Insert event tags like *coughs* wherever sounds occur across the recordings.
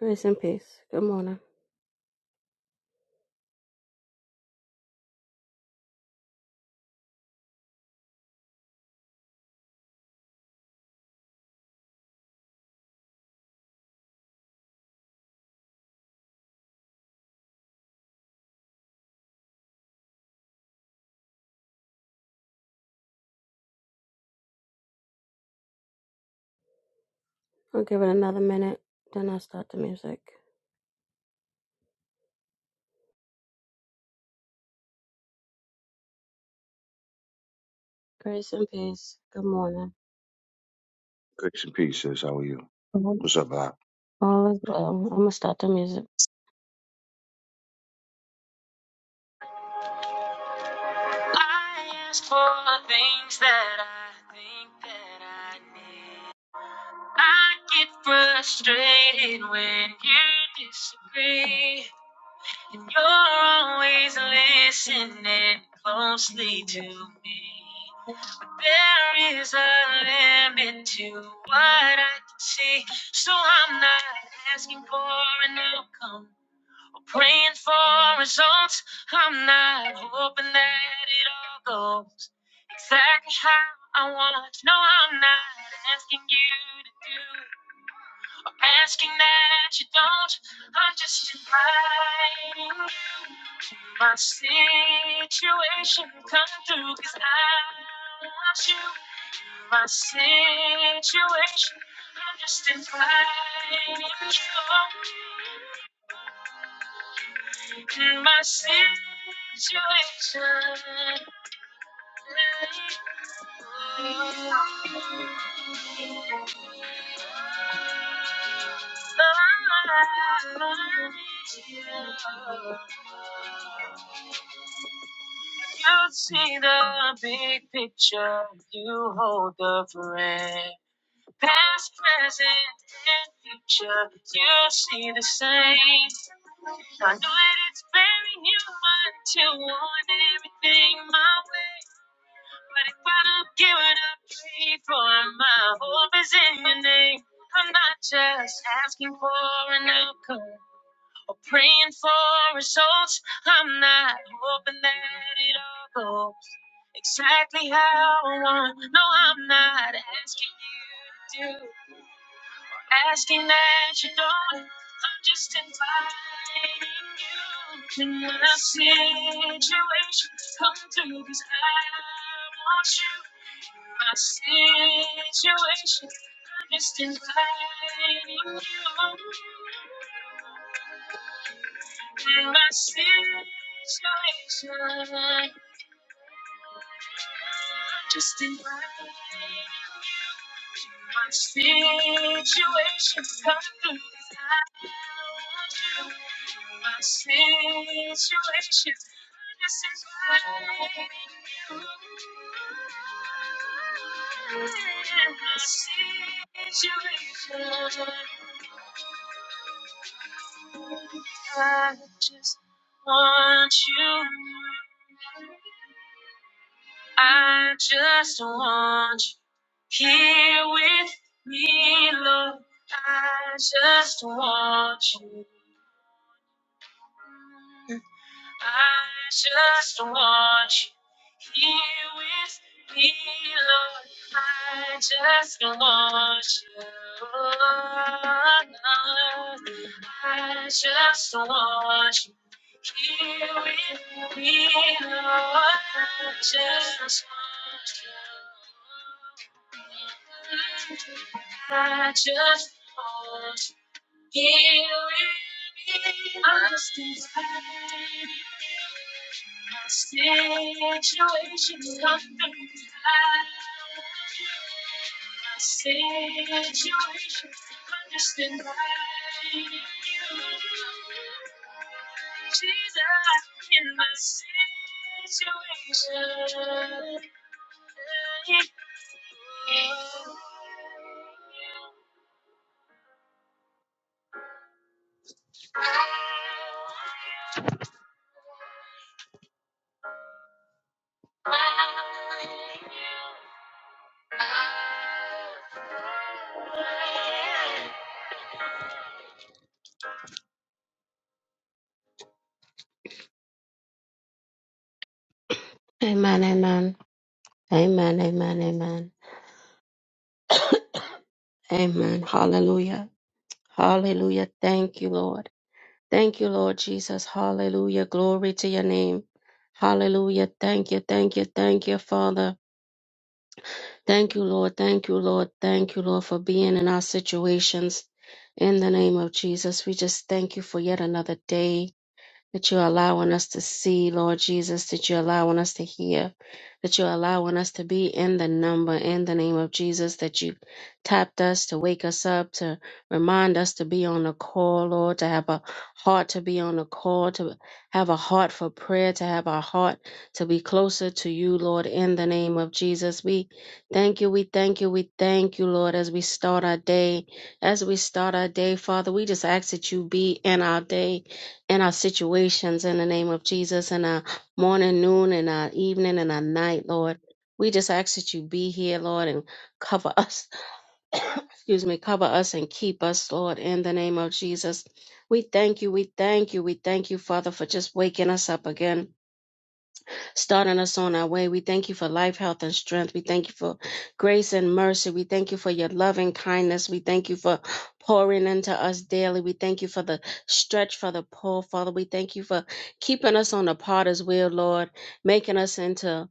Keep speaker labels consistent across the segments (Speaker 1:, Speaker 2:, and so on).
Speaker 1: Grace and peace. Good morning. I'll give it another minute, then I'll start the music. Grace and peace. Good morning.
Speaker 2: Grace and peace, sis. How are you?
Speaker 1: Mhm.
Speaker 2: What's up, Bob?
Speaker 1: All is well. I'm gonna start the music. I asked for things that I think that I need. I get frustrated when you disagree. And You're always listening closely to me. But there is a limit to what I can see. So I'm not asking for an outcome or praying for results. I'm not hoping that it all goes exactly how I want. No, I'm not asking you to do. I'm asking that you don't. I'm just inviting you to my situation. Come through, cause I want you. My situation. I'm just inviting you to my situation. I need you. you see the big picture you hold the thread. Past, present, and future, you see the same. I know that it's very human to want everything my way. But if I don't give it up, pray for my hope is in your name. I'm not just asking for an outcome or praying for results. I'm not hoping that it all goes exactly how I want. No, I'm not asking you to do, asking that you don't. I'm just inviting you to my situation. Come through, cause I want you. My situation, I'm just inviting you. My situation. Just in my my situations, Come through. My situation. Just invite you. My situation. I just want you. I just want you here with me, Lord. I just want you. I just want you here with me, Lord. I just want you. I just want you here with me, Lord. I just want you. I just want you. Amen, amen. Amen, amen, amen. Amen. Hallelujah. Hallelujah. Thank you, Lord. Thank you, Lord Jesus. Hallelujah. Glory to your name. Hallelujah. Thank you, thank you, thank you, Father. Thank you, Lord. Thank you, Lord. Thank you, Lord, for being in our situations. In the name of Jesus, we just thank you for yet another day. that you're allowing us to see, Lord Jesus, that you're allowing us to hear, that you're allowing us to be in the number in the name of Jesus, that you tapped us to wake us up, to remind us to be on the call, Lord, to have a heart to be on the call, to have a heart for prayer, to have a heart to be closer to you, Lord, in the name of Jesus. We thank you, we thank you, we thank you, Lord, as we start our day. As we start our day, Father, we just ask that you be in our day in our situations in the name of Jesus, in our morning, noon, and our evening, and our night, Lord. We just ask that you be here, Lord, and cover *laughs* us. *coughs* Excuse me, cover us and keep us, Lord, in the name of Jesus. We thank you, we thank you, we thank you, Father, for just waking us up again starting us on our way. We thank you for life, health, and strength. We thank you for grace and mercy. We thank you for your loving kindness. We thank you for pouring into us daily. We thank you for the stretch for the pull, Father. We thank you for keeping us on the potter's wheel, Lord, making us into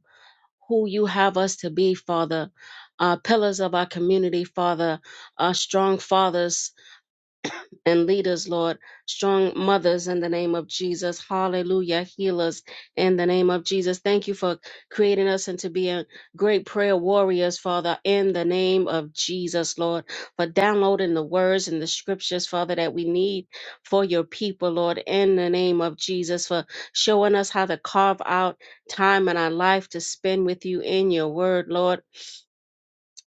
Speaker 1: who you have us to be, Father. Uh, pillars of our community, Father, uh, strong fathers, and leaders, Lord. Strong mothers in the name of Jesus. Hallelujah. Healers in the name of Jesus. Thank you for creating us into being great prayer warriors, Father, in the name of Jesus, Lord. For downloading the words and the scriptures, Father, that we need for your people, Lord, in the name of Jesus. For showing us how to carve out time in our life to spend with you in your word, Lord.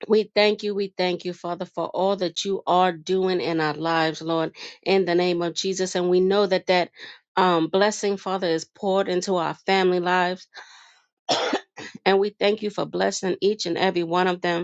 Speaker 1: We thank you. We thank you, Father, for all that you are doing in our lives, Lord, in the name of Jesus. And we know that that um, blessing, Father, is poured into our family lives. *coughs* and we thank you for blessing each and every one of them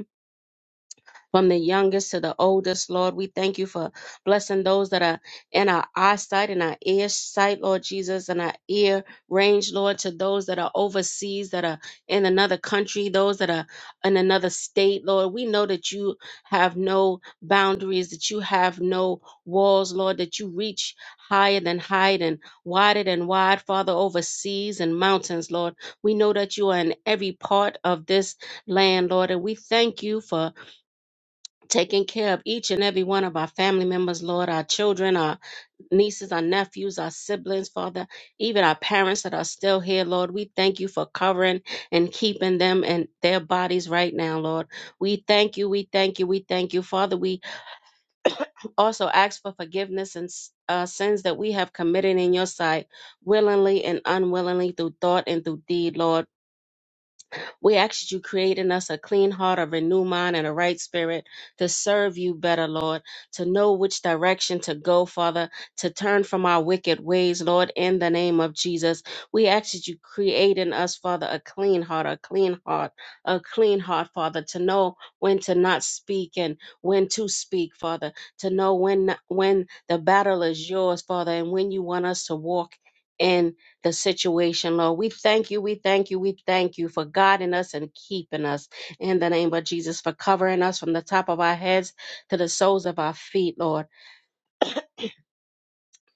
Speaker 1: from the youngest to the oldest, Lord. We thank you for blessing those that are in our eyesight and our ear sight, Lord Jesus, and our ear range, Lord, to those that are overseas, that are in another country, those that are in another state, Lord. We know that you have no boundaries, that you have no walls, Lord, that you reach higher than height and wider than wide, Father, over seas and mountains, Lord. We know that you are in every part of this land, Lord, and we thank you for taking care of each and every one of our family members, Lord, our children, our nieces, our nephews, our siblings, Father, even our parents that are still here, Lord. We thank you for covering and keeping them and their bodies right now, Lord. We thank you, we thank you, we thank you, Father. We also ask for forgiveness and uh, sins that we have committed in your sight, willingly and unwillingly, through thought and through deed, Lord. We ask that you create in us a clean heart, a renewed mind, and a right spirit to serve you better, Lord, to know which direction to go, Father, to turn from our wicked ways, Lord, in the name of Jesus. We ask that you create in us, Father, a clean heart, a clean heart, a clean heart, Father, to know when to not speak and when to speak, Father, to know when when the battle is yours, Father, and when you want us to walk. in the situation, Lord. We thank you, we thank you, we thank you for guiding us and keeping us in the name of Jesus, for covering us from the top of our heads to the soles of our feet, Lord.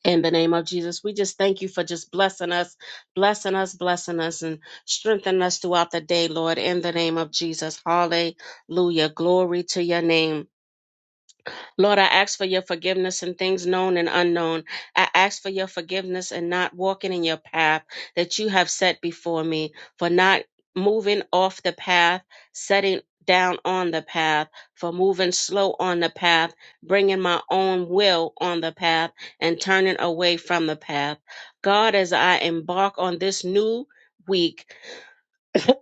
Speaker 1: In the name of Jesus, we just thank you for just blessing us, blessing us, blessing us, and strengthening us throughout the day, Lord. In the name of Jesus, hallelujah. Glory to your name. Lord, I ask for your forgiveness in things known and unknown. I ask for your forgiveness in not walking in your path that you have set before me, for not moving off the path, setting down on the path, for moving slow on the path, bringing my own will on the path, and turning away from the path. God, as I embark on this new week,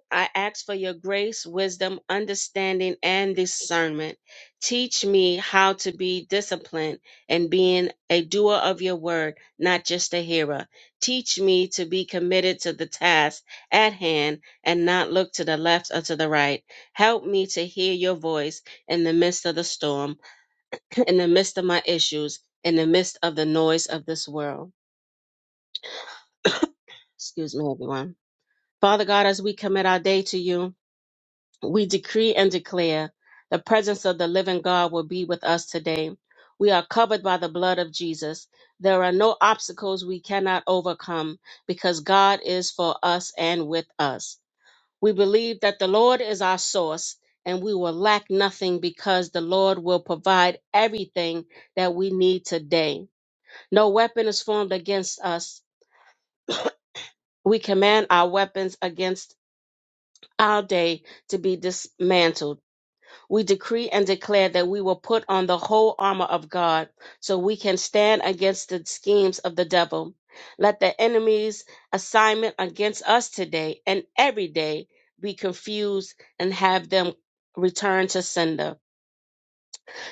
Speaker 1: I ask for your grace, wisdom, understanding, and discernment. Teach me how to be disciplined and being a doer of your word, not just a hearer. Teach me to be committed to the task at hand and not look to the left or to the right. Help me to hear your voice in the midst of the storm, in the midst of my issues, in the midst of the noise of this world. *coughs* Excuse me, everyone. Father God, as we commit our day to you, we decree and declare the presence of the living God will be with us today. We are covered by the blood of Jesus. There are no obstacles we cannot overcome because God is for us and with us. We believe that the Lord is our source and we will lack nothing because the Lord will provide everything that we need today. No weapon is formed against us. We command our weapons against our day to be dismantled we decree and declare that we will put on the whole armor of God so we can stand against the schemes of the devil. Let the enemy's assignment against us today and every day be confused and have them return to sender.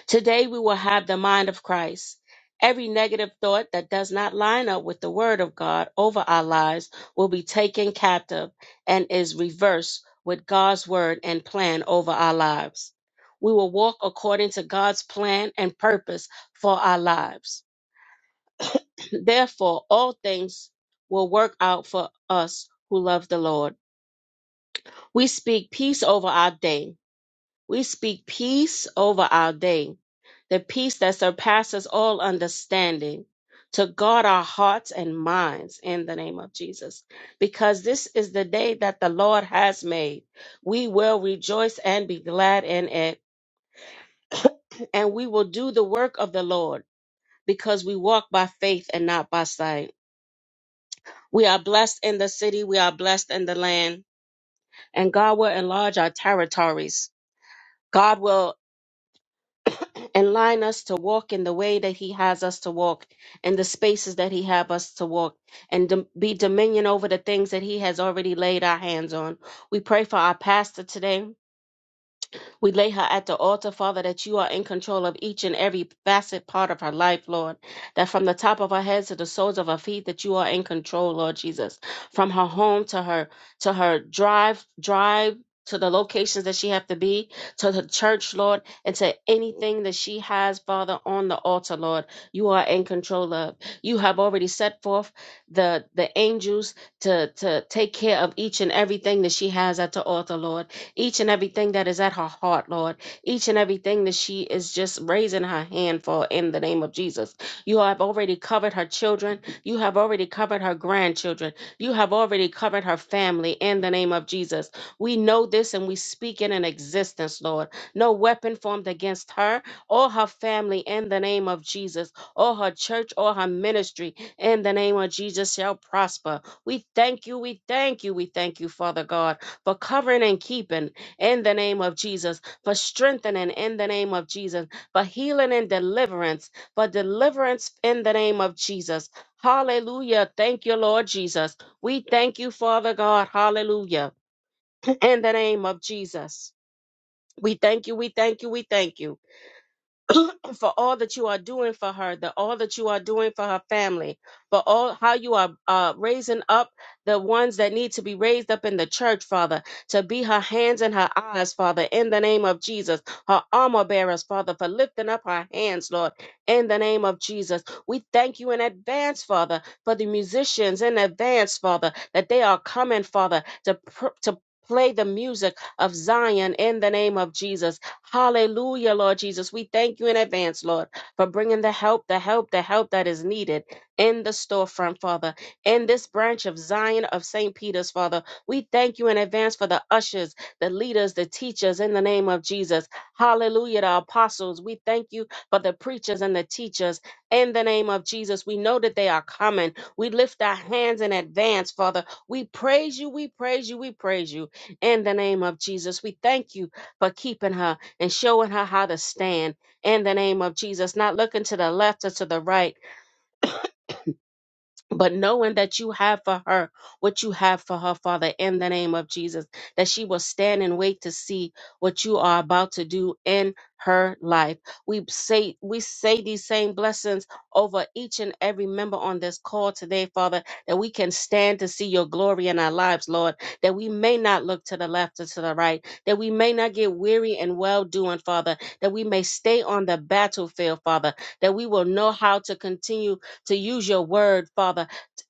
Speaker 1: Today we will have the mind of Christ. Every negative thought that does not line up with the word of God over our lives will be taken captive and is reversed with God's word and plan over our lives. We will walk according to God's plan and purpose for our lives. *clears throat* Therefore, all things will work out for us who love the Lord. We speak peace over our day we speak peace over our day, the peace that surpasses all understanding, to guard our hearts and minds in the name of Jesus. Because this is the day that the Lord has made. We will rejoice and be glad in it, and we will do the work of the Lord because we walk by faith and not by sight. We are blessed in the city, we are blessed in the land, and God will enlarge our territories. God will and line us to walk in the way that he has us to walk in the spaces that he have us to walk and dom- be dominion over the things that he has already laid our hands on we pray for our pastor today we lay her at the altar, Father, that you are in control of each and every facet part of her life, Lord. That from the top of her head to the soles of her feet, that you are in control, Lord Jesus. From her home to her to her drive, drive to the locations that she have to be, to the church, Lord, and to anything that she has, Father, on the altar, Lord, you are in control of. You have already set forth the the angels to to take care of each and everything that she has at the altar, Lord each and everything that is at her heart, Lord, each and everything that she is just raising her hand for in the name of Jesus. You have already covered her children. You have already covered her grandchildren. You have already covered her family in the name of Jesus. We know this and we speak it in existence, Lord. No weapon formed against her or her family in the name of Jesus, or her church or her ministry in the name of Jesus shall prosper. We thank you, we thank you, we thank you, Father God for covering and keeping in the name of Jesus, for strengthening in the name of Jesus, for healing and deliverance, for deliverance in the name of Jesus. Hallelujah. Thank you, Lord Jesus. We thank you, Father God. Hallelujah. In the name of Jesus. We thank you. We thank you. We thank you for all that you are doing for her, the all that you are doing for her family, for all how you are uh, raising up the ones that need to be raised up in the church, Father, to be her hands and her eyes, Father, in the name of Jesus, her armor bearers, Father, for lifting up her hands, Lord, in the name of Jesus. We thank you in advance, Father, for the musicians in advance, Father, that they are coming, Father, to pr- to play the music of Zion in the name of Jesus Hallelujah, Lord Jesus. We thank you in advance, Lord, for bringing the help, the help, the help that is needed in the storefront, Father, in this branch of Zion of St. Peter's, Father. We thank you in advance for the ushers, the leaders, the teachers in the name of Jesus. Hallelujah, the apostles. We thank you for the preachers and the teachers in the name of Jesus. We know that they are coming. We lift our hands in advance, Father. We praise you, we praise you, we praise you in the name of Jesus. We thank you for keeping her and showing her how to stand in the name of Jesus, not looking to the left or to the right, but knowing that you have for her what you have for her, Father, in the name of Jesus, that she will stand and wait to see what you are about to do in her life. We say we say these same blessings over each and every member on this call today, Father, that we can stand to see your glory in our lives, Lord, that we may not look to the left or to the right, that we may not get weary and well doing, Father, that we may stay on the battlefield, Father, that we will know how to continue to use your word, Father,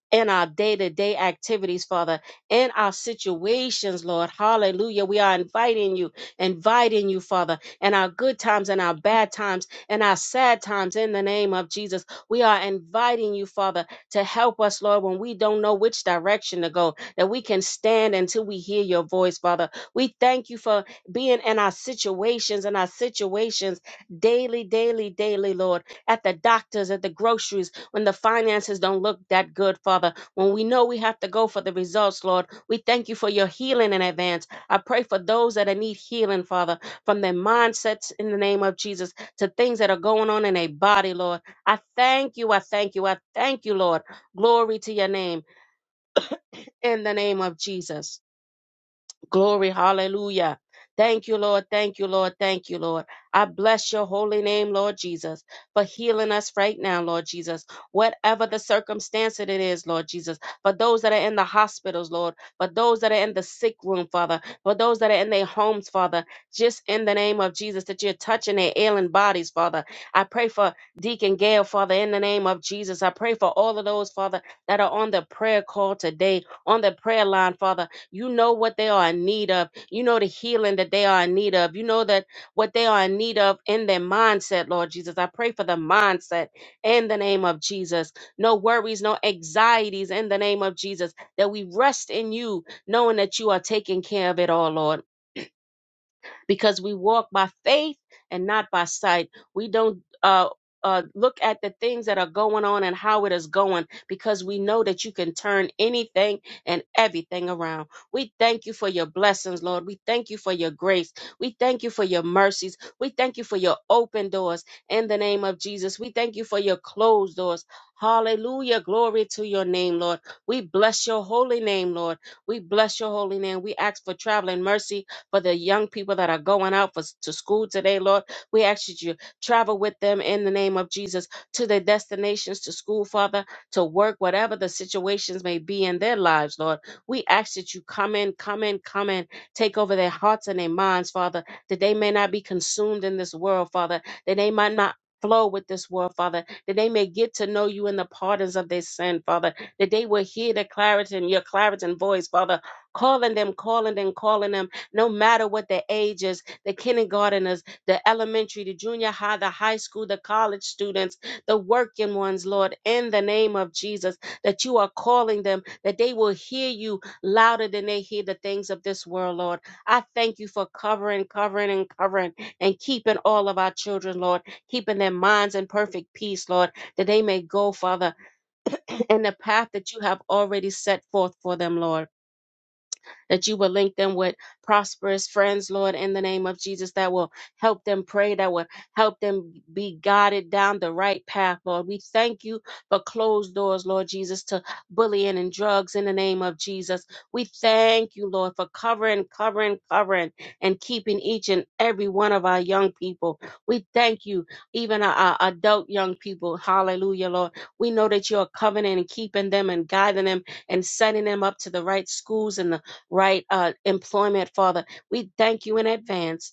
Speaker 1: in our day to day activities, Father, in our situations, Lord. Hallelujah. We are inviting you, inviting you, Father, in our good times and our bad times and our sad times in the name of Jesus. We are inviting you, Father, to help us, Lord, when we don't know which direction to go, that we can stand until we hear your voice, Father. We thank you for being in our situations and our situations daily, daily, daily, Lord, at the doctors, at the groceries when the finances don't look that good, Father, when we know we have to go for the results, Lord, we thank you for your healing in advance. I pray for those that need healing, Father, from their mindsets in the name of Jesus to things that are going on in their body, Lord. I thank you, I thank you, I thank you, Lord. Glory to your name in the name of Jesus. Glory, hallelujah. Thank you, Lord. Thank you, Lord. Thank you, Lord. I bless your holy name, Lord Jesus, for healing us right now, Lord Jesus. Whatever the circumstance that it is, Lord Jesus, for those that are in the hospitals, Lord, for those that are in the sick room, Father, for those that are in their homes, Father, just in the name of Jesus, that you're touching their ailing bodies, Father. I pray for Deacon Gail, Father, in the name of Jesus. I pray for all of those, Father, that are on the prayer call today, on the prayer line, Father you know what they are in need of. You know the healing that they are in need of. You know that what they are in need of in their mindset, Lord Jesus. I pray for the mindset in the name of Jesus. No worries, no anxieties in the name of Jesus. That we rest in you, knowing that you are taking care of it all, Lord because we walk by faith and not by sight. We don't uh uh, look at the things that are going on and how it is going because we know that you can turn anything and everything around. We thank you for your blessings, Lord. We thank you for your grace. We thank you for your mercies. We thank you for your open doors in the name of Jesus. We thank you for your closed doors. Hallelujah. Glory to your name, Lord. We bless your holy name, Lord. We bless your holy name. We ask for traveling mercy for the young people that are going out for, to school today, Lord. We ask that you travel with them in the name of Jesus to their destinations, to school, Father, to work, whatever the situations may be in their lives, Lord. We ask that you come in, come in, come in, take over their hearts and their minds, Father, that they may not be consumed in this world, Father, that they might not. Flow with this world, Father, that they may get to know you in the pardons of their sin, Father, that they will hear the clarity and your clarity and voice, Father, calling them, calling them, calling them no matter what the age is the kindergarteners, the elementary, the junior high, the high school, the college students, the working ones, Lord, in the name of Jesus, that you are calling them, that they will hear you louder than they hear the things of this world, Lord. I thank you for covering, covering, and covering and keeping all of our children, Lord, keeping their minds in perfect peace, Lord, that they may go, Father, *clears throat* in the path that you have already set forth for them, Lord that you will link them with prosperous friends, Lord, in the name of Jesus, that will help them pray, that will help them be guided down the right path, Lord. We thank you for closed doors, Lord Jesus, to bullying and drugs in the name of Jesus. We thank you, Lord, for covering, covering, covering, and keeping each and every one of our young people. We thank you, even our, our adult young people. Hallelujah, Lord. We know that you are covering and keeping them and guiding them and setting them up to the right schools and right? Uh, employment, Father. We thank you in advance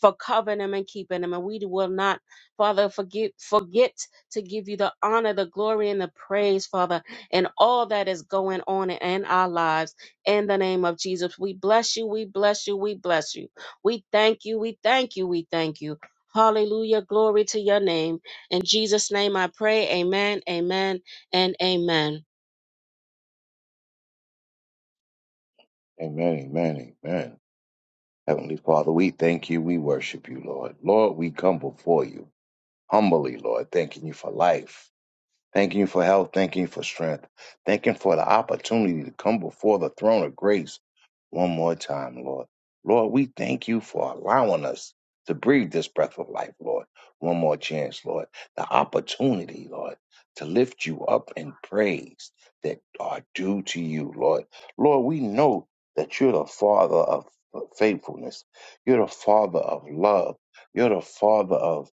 Speaker 1: for covering them and keeping them. And we will not, Father, forget, forget to give you the honor, the glory, and the praise, Father, and all that is going on in our lives. In the name of Jesus, we bless you, we bless you, we bless you. We thank you, we thank you, we thank you. Hallelujah. Glory to your name. In Jesus' name I pray. Amen, amen, and amen.
Speaker 2: Amen, amen, amen. Heavenly Father, we thank you. We worship you, Lord. Lord, we come before you humbly, Lord, thanking you for life. Thank you for health. Thank you for strength. Thank you for the opportunity to come before the throne of grace one more time, Lord. Lord, we thank you for allowing us to breathe this breath of life, Lord. One more chance, Lord. The opportunity, Lord, to lift you up in praise that are due to you, Lord. Lord, we know that you're the Father of faithfulness. You're the Father of love. You're the Father of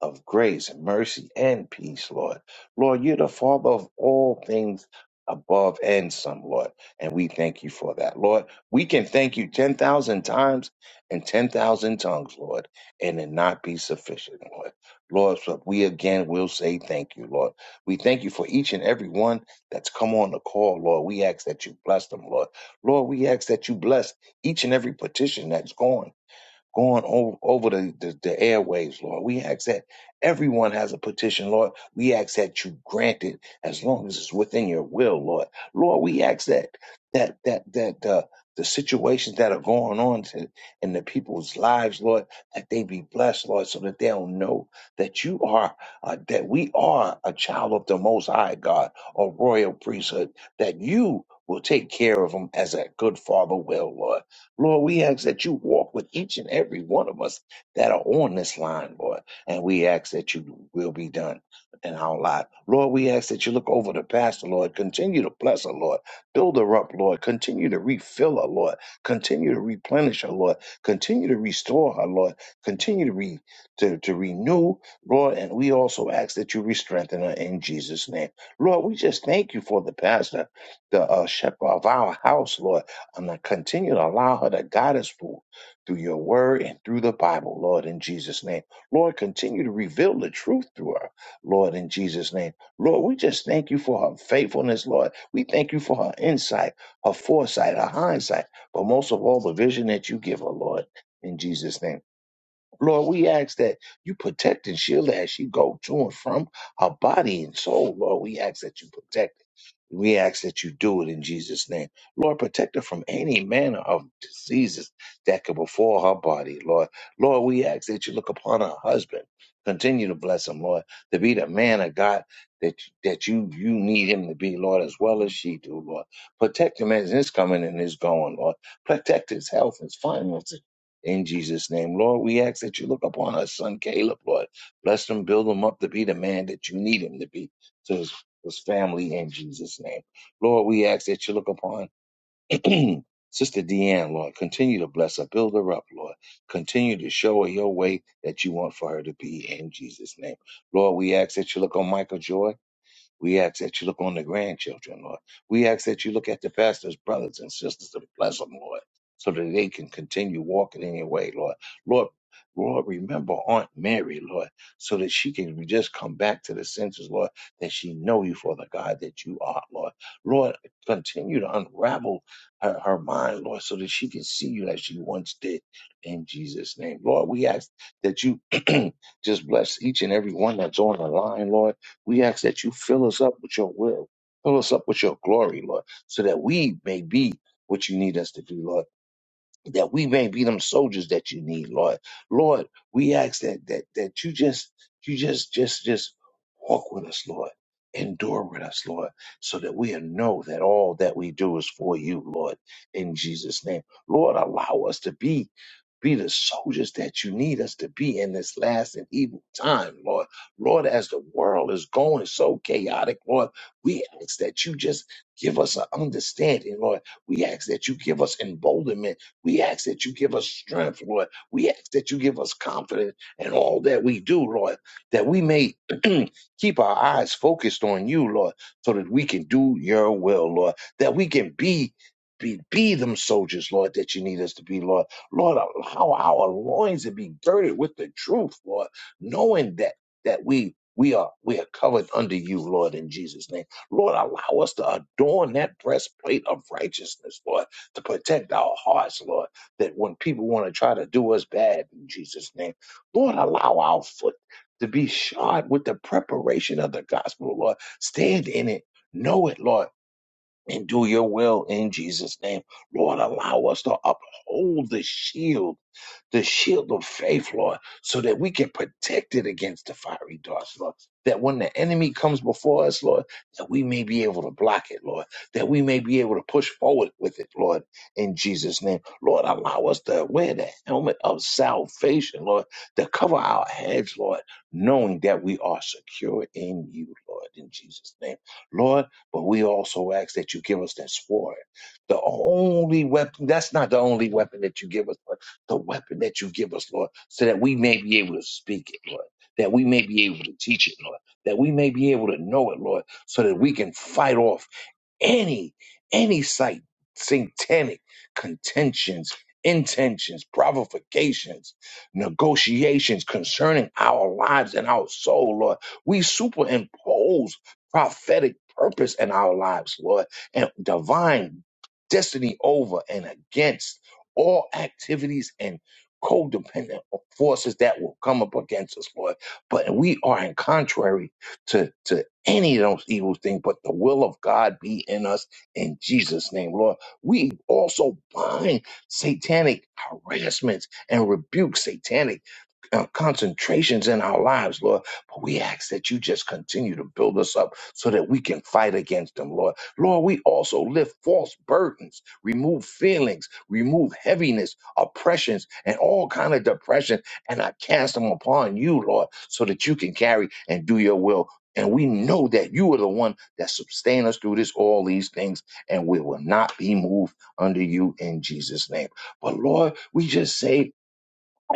Speaker 2: of grace, and mercy, and peace, Lord. Lord, you're the Father of all things above and some, Lord. And we thank you for that, Lord. We can thank you 10,000 times and 10,000 tongues, Lord, and it not be sufficient, Lord. Lord, so we again will say thank you, Lord. We thank you for each and every one that's come on the call, Lord. We ask that you bless them, Lord. Lord, we ask that you bless each and every petition that's gone going over, over the, the, the airwaves, Lord. We ask that everyone has a petition, Lord. We ask that you grant it as long as it's within your will, Lord. Lord, we ask that that that that uh, the situations that are going on to, in the people's lives, Lord, that they be blessed, Lord, so that they'll know that you are uh, that we are a child of the Most High God, a royal priesthood, that you will take care of them as a good father will, Lord. Lord, we ask that you walk with each and every one of us that are on this line, Lord. And we ask that you will be done in our life. Lord, we ask that you look over the pastor, Lord. Continue to bless her, Lord. Build her up, Lord. Continue to refill her, Lord. Continue to replenish her, Lord. Continue to restore her, Lord. Continue to, re- to, to renew, Lord. And we also ask that you re-strengthen her in Jesus' name. Lord, we just thank you for the pastor, the uh, shepherd of our house, Lord. I'm going to continue to allow her to guide us through, through your word and through the Bible, Lord, in Jesus' name. Lord, continue to reveal the truth through her, Lord, in Jesus' name. Lord, we just thank you for her faithfulness, Lord. We thank you for her insight, her foresight, her hindsight, but most of all, the vision that you give her, Lord, in Jesus' name. Lord, we ask that you protect and shield her as she go to and from her body and soul. Lord, we ask that you protect it. We ask that you do it in Jesus' name. Lord, protect her from any manner of diseases that could befall her body, Lord. Lord, we ask that you look upon her husband. Continue to bless him, Lord, to be the man of God that that you you need him to be, Lord, as well as she do, Lord. Protect him as his coming and his going, Lord. Protect his health, his finances in Jesus' name. Lord, we ask that you look upon our son Caleb, Lord. Bless him, build him up to be the man that you need him to be to his, his family in Jesus' name. Lord, we ask that you look upon *clears throat* Sister Deanne, Lord. Continue to bless her, build her up, Lord. Continue to show her your way that you want for her to be in Jesus' name. Lord, we ask that you look on Michael Joy. We ask that you look on the grandchildren, Lord. We ask that you look at the pastor's brothers and sisters and bless them, Lord, so that they can continue walking in your way, Lord. Lord, Lord, remember Aunt Mary, Lord, so that she can just come back to the senses, Lord, that she know you for the God that you are, Lord. Lord, continue to unravel her, her mind, Lord, so that she can see you as she once did in Jesus' name. Lord, we ask that you *clears throat* just bless each and every one that's on the line, Lord we ask that you fill us up with your will, fill us up with your glory, Lord, so that we may be what you need us to be, Lord that we may be them soldiers that you need, Lord. Lord, we ask that that that you just you just just just walk with us, Lord. Endure with us, Lord, so that we know that all that we do is for you, Lord, in Jesus' name. Lord, allow us to be be the soldiers that you need us to be in this last and evil time, Lord. Lord, as the world is going so chaotic, Lord, we ask that you just give us an understanding, Lord. We ask that you give us emboldenment we ask that you give us strength, Lord. We ask that you give us confidence in all that we do, Lord, that we may *clears throat* keep our eyes focused on you, Lord, so that we can do your will, Lord, that we can be. Be, be them soldiers, Lord, that you need us to be, Lord. Lord, allow our loins to be girded with the truth, Lord, knowing that that we we are we are covered under you, Lord, in Jesus' name. Lord, allow us to adorn that breastplate of righteousness, Lord to protect our hearts, Lord, that when people want to try to do us bad in Jesus' name, Lord, allow our foot to be shod with the preparation of the gospel, Lord. Stand in it, know it, Lord. And do your will in Jesus' name. Lord, allow us to uphold the shield the shield of faith, Lord, so that we can protect it against the fiery darts, Lord. That when the enemy comes before us, Lord, that we may be able to block it, Lord. That we may be able to push forward with it, Lord, in Jesus' name. Lord, allow us to wear the helmet of salvation, Lord, to cover our heads, Lord, knowing that we are secure in you, Lord, in Jesus' name. Lord, but we also ask that you give us that sword. The only weapon, that's not the only weapon that you give us, the weapon that you give us, Lord, so that we may be able to speak it, Lord, that we may be able to teach it, Lord, that we may be able to know it, Lord, so that we can fight off any any site satanic contentions intentions provocations negotiations concerning our lives and our soul lord we superimpose prophetic purpose in our lives lord and divine destiny over and against all activities and codependent forces that will come up against us lord but we are in contrary to, to any of those evil things, but the will of God be in us in Jesus' name, Lord. We also bind satanic harassments and rebuke satanic uh, concentrations in our lives, Lord. But we ask that you just continue to build us up so that we can fight against them, Lord. Lord, we also lift false burdens, remove feelings, remove heaviness, oppressions, and all kind of depression, and I cast them upon you, Lord, so that you can carry and do your will. And we know that you are the one that sustain us through this, all these things, and we will not be moved under you in Jesus' name. But Lord, we just say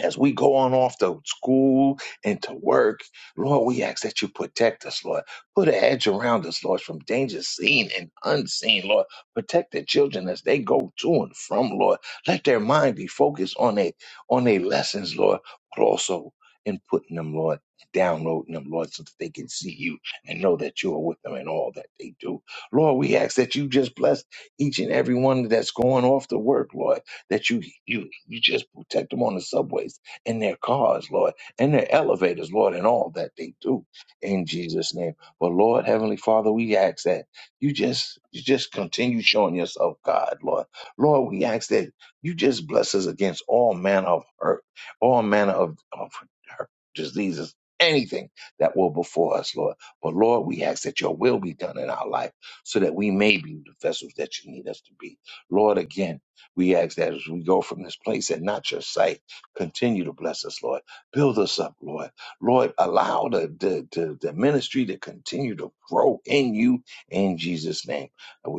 Speaker 2: as we go on off to school and to work, Lord, we ask that you protect us, Lord. Put an edge around us, Lord, from danger seen and unseen, Lord. Protect the children as they go to and from, Lord. Let their mind be focused on their on their lessons, Lord, but also in putting them, Lord, downloading them, Lord, so that they can see you and know that you are with them in all that they do. Lord, we ask that you just bless each and every one that's going off to work, Lord that you you you just protect them on the subways in their cars, Lord, in their elevators, Lord, and all that they do in Jesus' name. But Lord, Heavenly Father, we ask that you just you just continue showing yourself God, Lord. Lord, we ask that you just bless us against all manner of hurt, all manner of, of hurt, diseases, anything that will before us, Lord. But Lord, we ask that your will be done in our life so that we may be the vessels that you need us to be. Lord, again. We ask that as we go from this place and not your sight, continue to bless us, Lord. Build us up, Lord. Lord, allow the, the, the, the ministry to continue to grow in you in Jesus' name.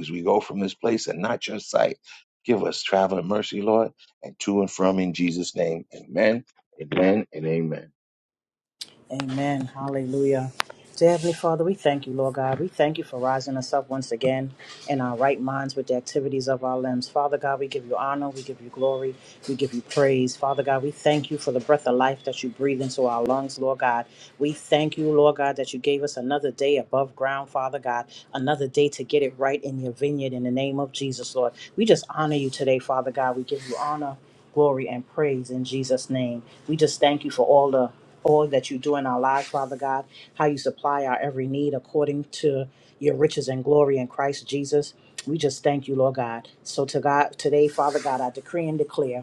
Speaker 2: as we go from this place and not your sight, give us traveling mercy, Lord, and to and from in Jesus' name. Amen, amen, and amen.
Speaker 3: Amen. Hallelujah. Dear Heavenly Father, we thank you, Lord God. We thank you for rising us up once again in our right minds with the activities of our limbs. Father God, we give you honor, we give you glory, we give you praise. Father God, we thank you for the breath of life that you breathe into our lungs, Lord God. We thank you, Lord God, that you gave us another day above ground, Father God, another day to get it right in your vineyard in the name of Jesus, Lord. We just honor you today, Father God. We give you honor, glory, and praise in Jesus' name. We just thank you for all the all that you do in our lives, Father God, how you supply our every need according to your riches and glory in Christ Jesus. We just thank you, Lord God. So to God today, Father God, I decree and declare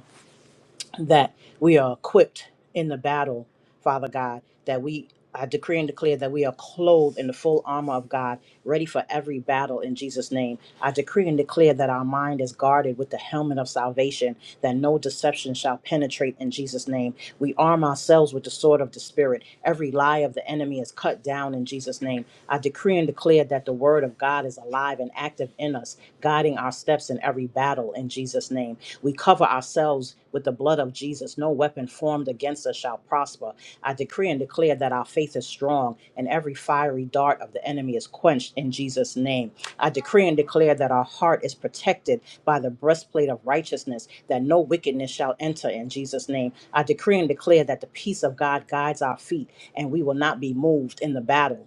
Speaker 3: that we are equipped in the battle, Father God, that we I decree and declare that we are clothed in the full armor of God, ready for every battle in Jesus' name. I decree and declare that our mind is guarded with the helmet of salvation, that no deception shall penetrate in Jesus' name. We arm ourselves with the sword of the Spirit. Every lie of the enemy is cut down in Jesus' name. I decree and declare that the word of God is alive and active in us, guiding our steps in every battle in Jesus' name. We cover ourselves with the blood of Jesus. No weapon formed against us shall prosper. I decree and declare that our faith is strong and every fiery dart of the enemy is quenched in Jesus' name. I decree and declare that our heart is protected by the breastplate of righteousness, that no wickedness shall enter in Jesus' name. I decree and declare that the peace of God guides our feet and we will not be moved in the battle.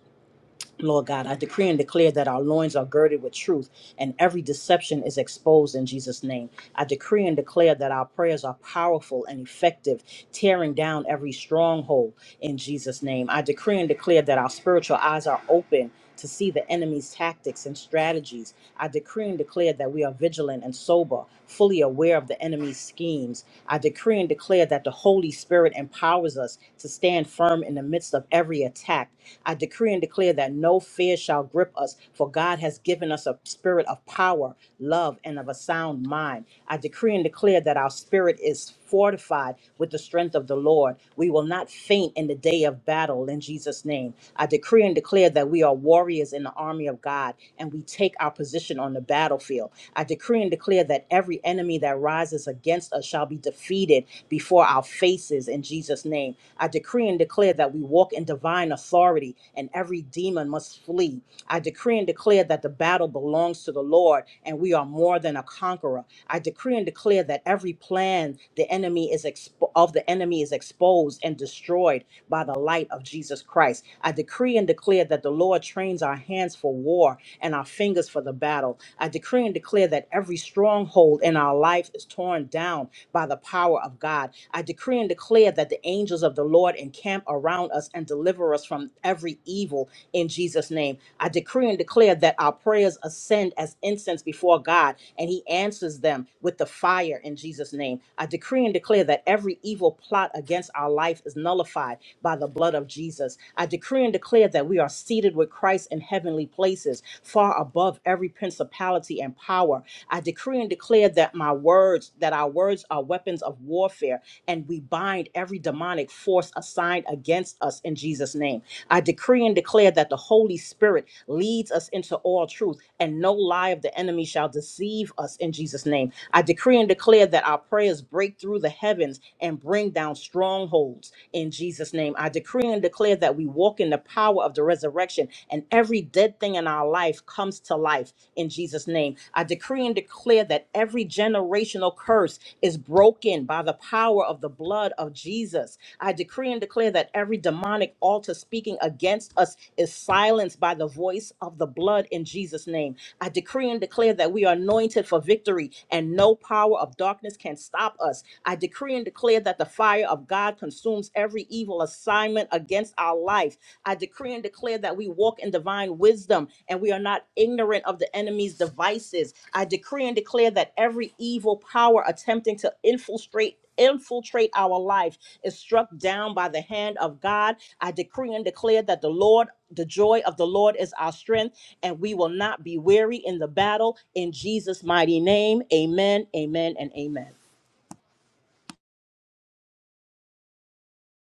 Speaker 3: Lord God, I decree and declare that our loins are girded with truth and every deception is exposed in Jesus' name. I decree and declare that our prayers are powerful and effective, tearing down every stronghold in Jesus' name. I decree and declare that our spiritual eyes are open to see the enemy's tactics and strategies. I decree and declare that we are vigilant and sober, fully aware of the enemy's schemes. I decree and declare that the Holy Spirit empowers us to stand firm in the midst of every attack. I decree and declare that no fear shall grip us, for God has given us a spirit of power, love, and of a sound mind. I decree and declare that our spirit is fortified with the strength of the Lord. We will not faint in in the day of battle in Jesus' name. I decree and declare that we are warriors in the army of God and we take our position on the battlefield. I decree and declare that every enemy that rises against us shall be defeated before our faces in Jesus' name. I decree and declare that we walk in divine authority and every demon must flee. I decree and declare that the battle belongs to the Lord and we are more than a conqueror. I decree and declare that every plan the enemy is expo- of the enemy is exposed and destroyed by the light of Jesus Christ. I decree and declare that the Lord trains our hands for war and our fingers for the battle. I decree and declare that every stronghold in our life is torn down by the power of God. I decree and declare that the angels of the Lord encamp around us and deliver us from every evil in Jesus' name. I decree and declare that our prayers ascend as incense before God, and He answers them with the fire in Jesus' name. I decree and declare that every evil plot against our life is nullified by the blood of Jesus. I decree and declare that we are seated with Christ in heavenly places, far above every principality and power. I decree and declare that my words, that our words are weapons of warfare and we bind every demonic force assigned against us in Jesus' name. I decree and declare that the Holy Spirit leads us into all truth, and no lie of the enemy shall deceive us in Jesus' name. I decree and declare that our prayers break through the heavens and bring down strongholds in Jesus' name. I decree and declare that we walk in the power of the resurrection, and every dead thing in our life comes to life in Jesus' name. Jesus' name. I decree and declare that every generational curse is broken by the power of the blood of Jesus. I decree and declare that every demonic altar speaking against us is silenced by the voice of the blood in Jesus' name. I decree and declare that we are anointed for victory and no power of darkness can stop us. I decree and declare that the fire of God consumes every evil assignment against our our life. I decree and declare that we walk in divine wisdom and we are not ignorant of the enemy's devices. I decree and declare that every evil power attempting to infiltrate infiltrate our life is struck down by the hand of God. I decree and declare that the Lord the joy of the Lord is our strength and we will not be weary in the battle in Jesus mighty name. Amen. Amen and amen.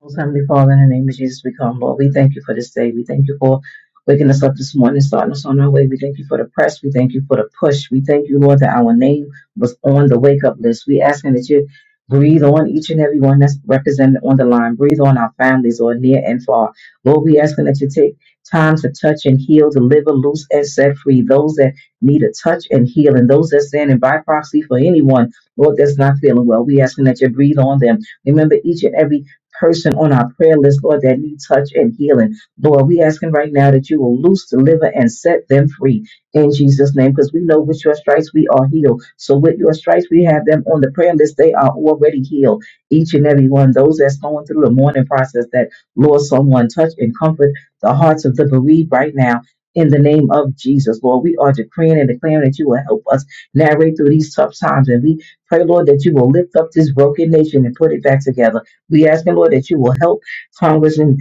Speaker 4: Most Heavenly Father, in the name of Jesus, we come, Lord. We thank you for this day. We thank you for waking us up this morning, starting us on our way. We thank you for the press. We thank you for the push. We thank you, Lord, that our name was on the wake up list. We asking that you breathe on each and every one that's represented on the line. Breathe on our families, or near and far. Lord, we asking that you take time to touch and heal, deliver, loose, and set free those that need a touch and heal, and those that's standing by proxy for anyone, Lord, that's not feeling well. We asking that you breathe on them. Remember each and every person on our prayer list, Lord, that need touch and healing. Lord, we asking right now that you will loose, deliver, and set them free in Jesus' name, because we know with your stripes we are healed. So with your stripes, we have them on the prayer list. They are already healed. Each and every one, those that's going through the mourning process, that Lord, someone touch and comfort the hearts of the bereaved right now. In the name of Jesus, Lord, we are decreeing and declaring that you will help us navigate through these tough times. And we pray, Lord, that you will lift up this broken nation and put it back together. We ask, Lord, that you will help Congressmen,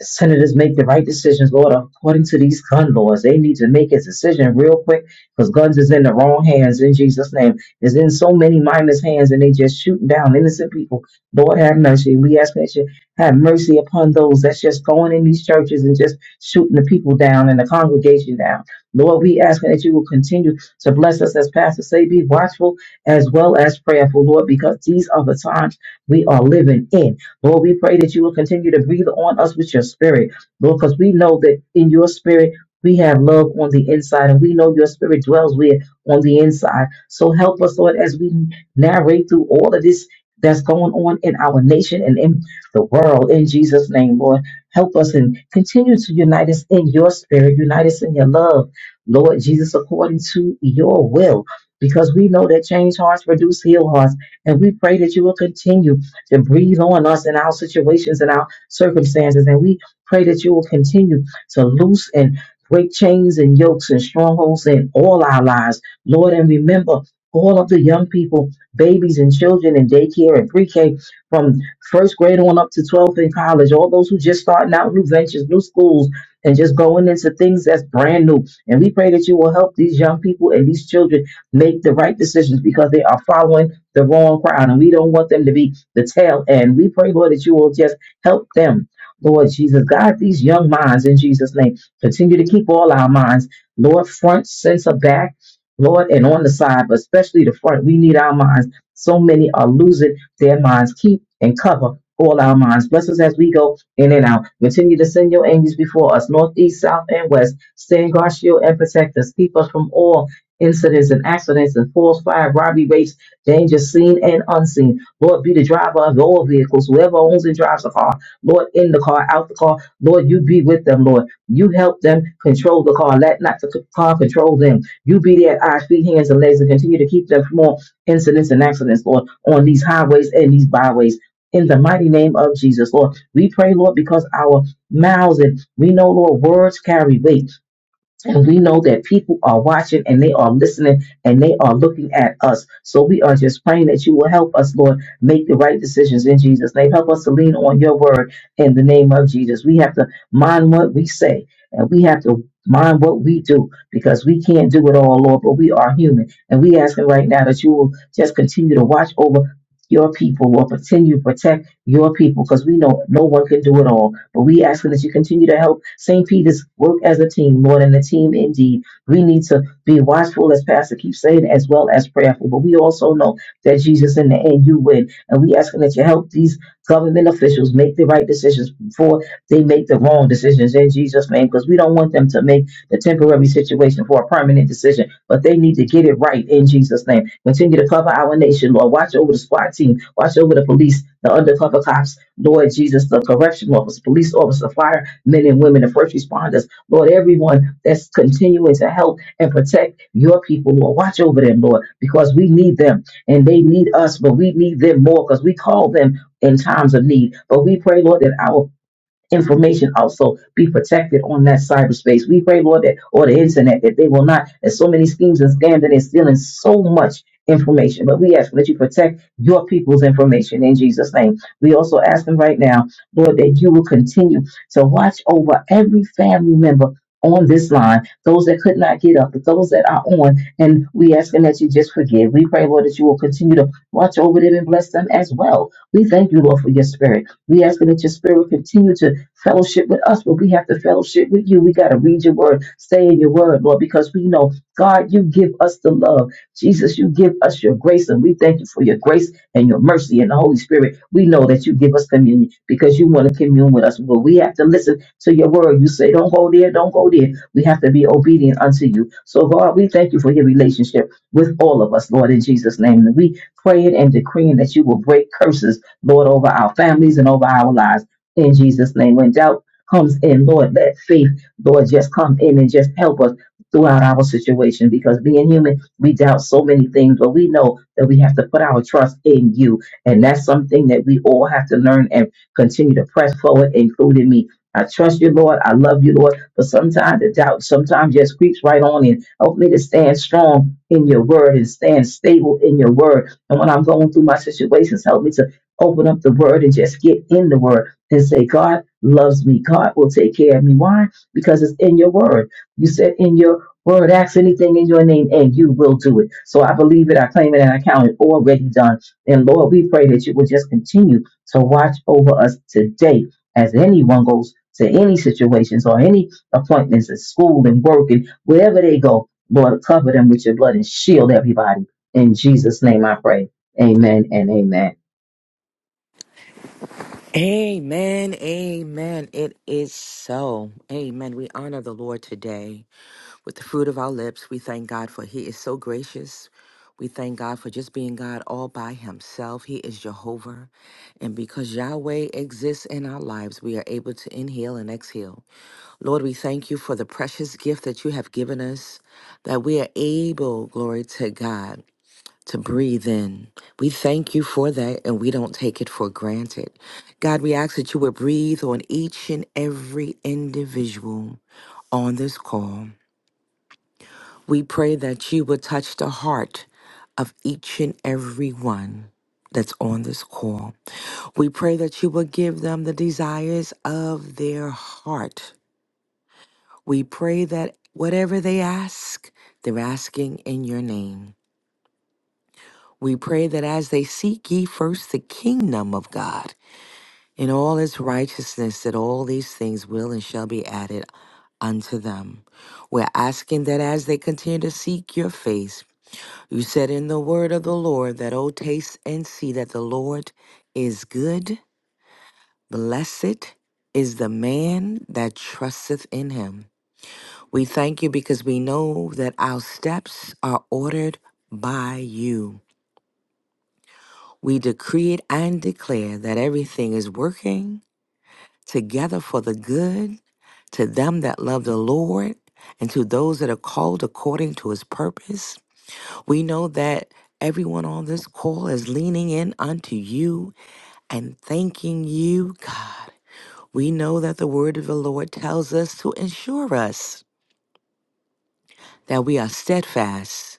Speaker 4: senators make the right decisions, Lord, according to these gun laws. They need to make a decision real quick because guns is in the wrong hands in Jesus' name. It's in so many mindless hands and they just shooting down innocent people. Lord, have mercy. We ask that you have mercy upon those that's just going in these churches and just shooting the people down and the congregation down. Lord, we ask that you will continue to bless us as pastors. Say, be watchful as well as prayerful, Lord, because these are the times we are living in. Lord, we pray that you will continue to breathe on us with your spirit, Lord, because we know that in your spirit, we have love on the inside, and we know your spirit dwells with on the inside. So help us, Lord, as we narrate through all of this that's going on in our nation and in the world. In Jesus' name, Lord, help us and continue to unite us in your spirit, unite us in your love, Lord Jesus, according to your will. Because we know that change hearts produce heal hearts. And we pray that you will continue to breathe on us in our situations and our circumstances. And we pray that you will continue to loose and break chains and yokes and strongholds in all our lives, Lord. And remember all of the young people, babies and children in daycare and pre K from first grade on up to 12th in college, all those who just starting out new ventures, new schools, and just going into things that's brand new. And we pray that you will help these young people and these children make the right decisions because they are following the wrong crowd. And we don't want them to be the tail end. We pray, Lord, that you will just help them. Lord Jesus, God, these young minds in Jesus' name, continue to keep all our minds, Lord, front, center, back, Lord, and on the side, but especially the front. We need our minds. So many are losing their minds. Keep and cover all our minds. Bless us as we go in and out. Continue to send your angels before us, north, east, south, and west. Stand guard, shield, and protect us. Keep us from all incidents and accidents and false fire, robbery, rapes, danger, seen and unseen. Lord, be the driver of all vehicles, whoever owns and drives the car. Lord, in the car, out the car. Lord, you be with them, Lord. You help them control the car. Let not the car control them. You be their eyes, feet, hands, and legs, and continue to keep them from all incidents and accidents, Lord, on these highways and these byways. In the mighty name of Jesus, Lord, we pray, Lord, because our mouths and we know, Lord, words carry weight. And we know that people are watching and they are listening and they are looking at us. So we are just praying that you will help us, Lord, make the right decisions in Jesus' name. Help us to lean on your word in the name of Jesus. We have to mind what we say and we have to mind what we do because we can't do it all, Lord, but we are human. And we asking right now that you will just continue to watch over your people, Lord, continue to protect your people because we know no one can do it all. But we asking that you continue to help St. Peter's work as a team, more than the team indeed. We need to be watchful, as Pastor keeps saying, as well as prayerful. But we also know that Jesus, in the end, you win. And we asking that you help these government officials make the right decisions before they make the wrong decisions in Jesus' name, because we don't want them to make the temporary situation for a permanent decision, but they need to get it right in Jesus' name. Continue to cover our nation, Lord. Watch over the SWAT team, watch over the police, the undercover cops, Lord Jesus, the correction officers, police officers, officer, firemen and women, the first responders, Lord, everyone that's continuing to help and protect your people, Lord. Watch over them, Lord, because we need them and they need us, but we need them more because we call them in times of need. But we pray, Lord, that our information also be protected on that cyberspace. We pray, Lord, that or the internet that they will not. There's so many schemes and scams and stealing so much information. But we ask that you protect your people's information in Jesus' name. We also ask them right now, Lord, that you will continue to watch over every family member. On this line, those that could not get up, but those that are on, and we asking that you just forgive. We pray, Lord, that you will continue to watch over them and bless them as well. We thank you, Lord, for your spirit. We ask that your spirit continue to fellowship with us, but we have to fellowship with you. We got to read your word, stay in your word, Lord, because we know, God, you give us the love. Jesus, you give us your grace, and we thank you for your grace and your mercy and the Holy Spirit. We know that you give us communion because you want to commune with us. But we have to listen to your word. You say, don't go there, don't go there. We have to be obedient unto you. So, God, we thank you for your relationship with all of us, Lord, in Jesus' name. And we praying and decreeing that you will break curses, Lord, over our families and over our lives. In Jesus' name, when doubt comes in, Lord, let faith, Lord, just come in and just help us throughout our situation because being human, we doubt so many things, but we know that we have to put our trust in you. And that's something that we all have to learn and continue to press forward, including me. I trust you, Lord. I love you, Lord. But sometimes the doubt sometimes just creeps right on in. Help me to stand strong in your word and stand stable in your word. And when I'm going through my situations, help me to open up the word and just get in the word and say, God loves me. God will take care of me. Why? Because it's in your word. You said in your word, ask anything in your name and you will do it. So I believe it, I claim it, and I count it already done. And Lord, we pray that you will just continue to watch over us today as anyone goes to any situations or any appointments at school and work and wherever they go. Lord, cover them with your blood and shield everybody. In Jesus' name I pray. Amen and amen.
Speaker 5: Amen. Amen. It is so. Amen. We honor the Lord today with the fruit of our lips. We thank God for He is so gracious. We thank God for just being God all by Himself. He is Jehovah. And because Yahweh exists in our lives, we are able to inhale and exhale. Lord, we thank you for the precious gift that you have given us, that we are able, glory to God to breathe in. We thank you for that and we don't take it for granted. God, we ask that you would breathe on each and every individual on this call. We pray that you would touch the heart of each and every one that's on this call. We pray that you will give them the desires of their heart. We pray that whatever they ask, they're asking in your name. We pray that as they seek ye first the kingdom of God, in all its righteousness that all these things will and shall be added unto them. We're asking that as they continue to seek your face, you said in the word of the Lord that, oh, taste and see that the Lord is good, blessed is the man that trusteth in him. We thank you because we know that our steps are ordered by you. We decree it and declare that everything is working together for the good to them that love the Lord and to those that are called according to his purpose. We know that everyone on this call is leaning in unto you and thanking you, God. We know that the word of the Lord tells us to ensure us that we are steadfast,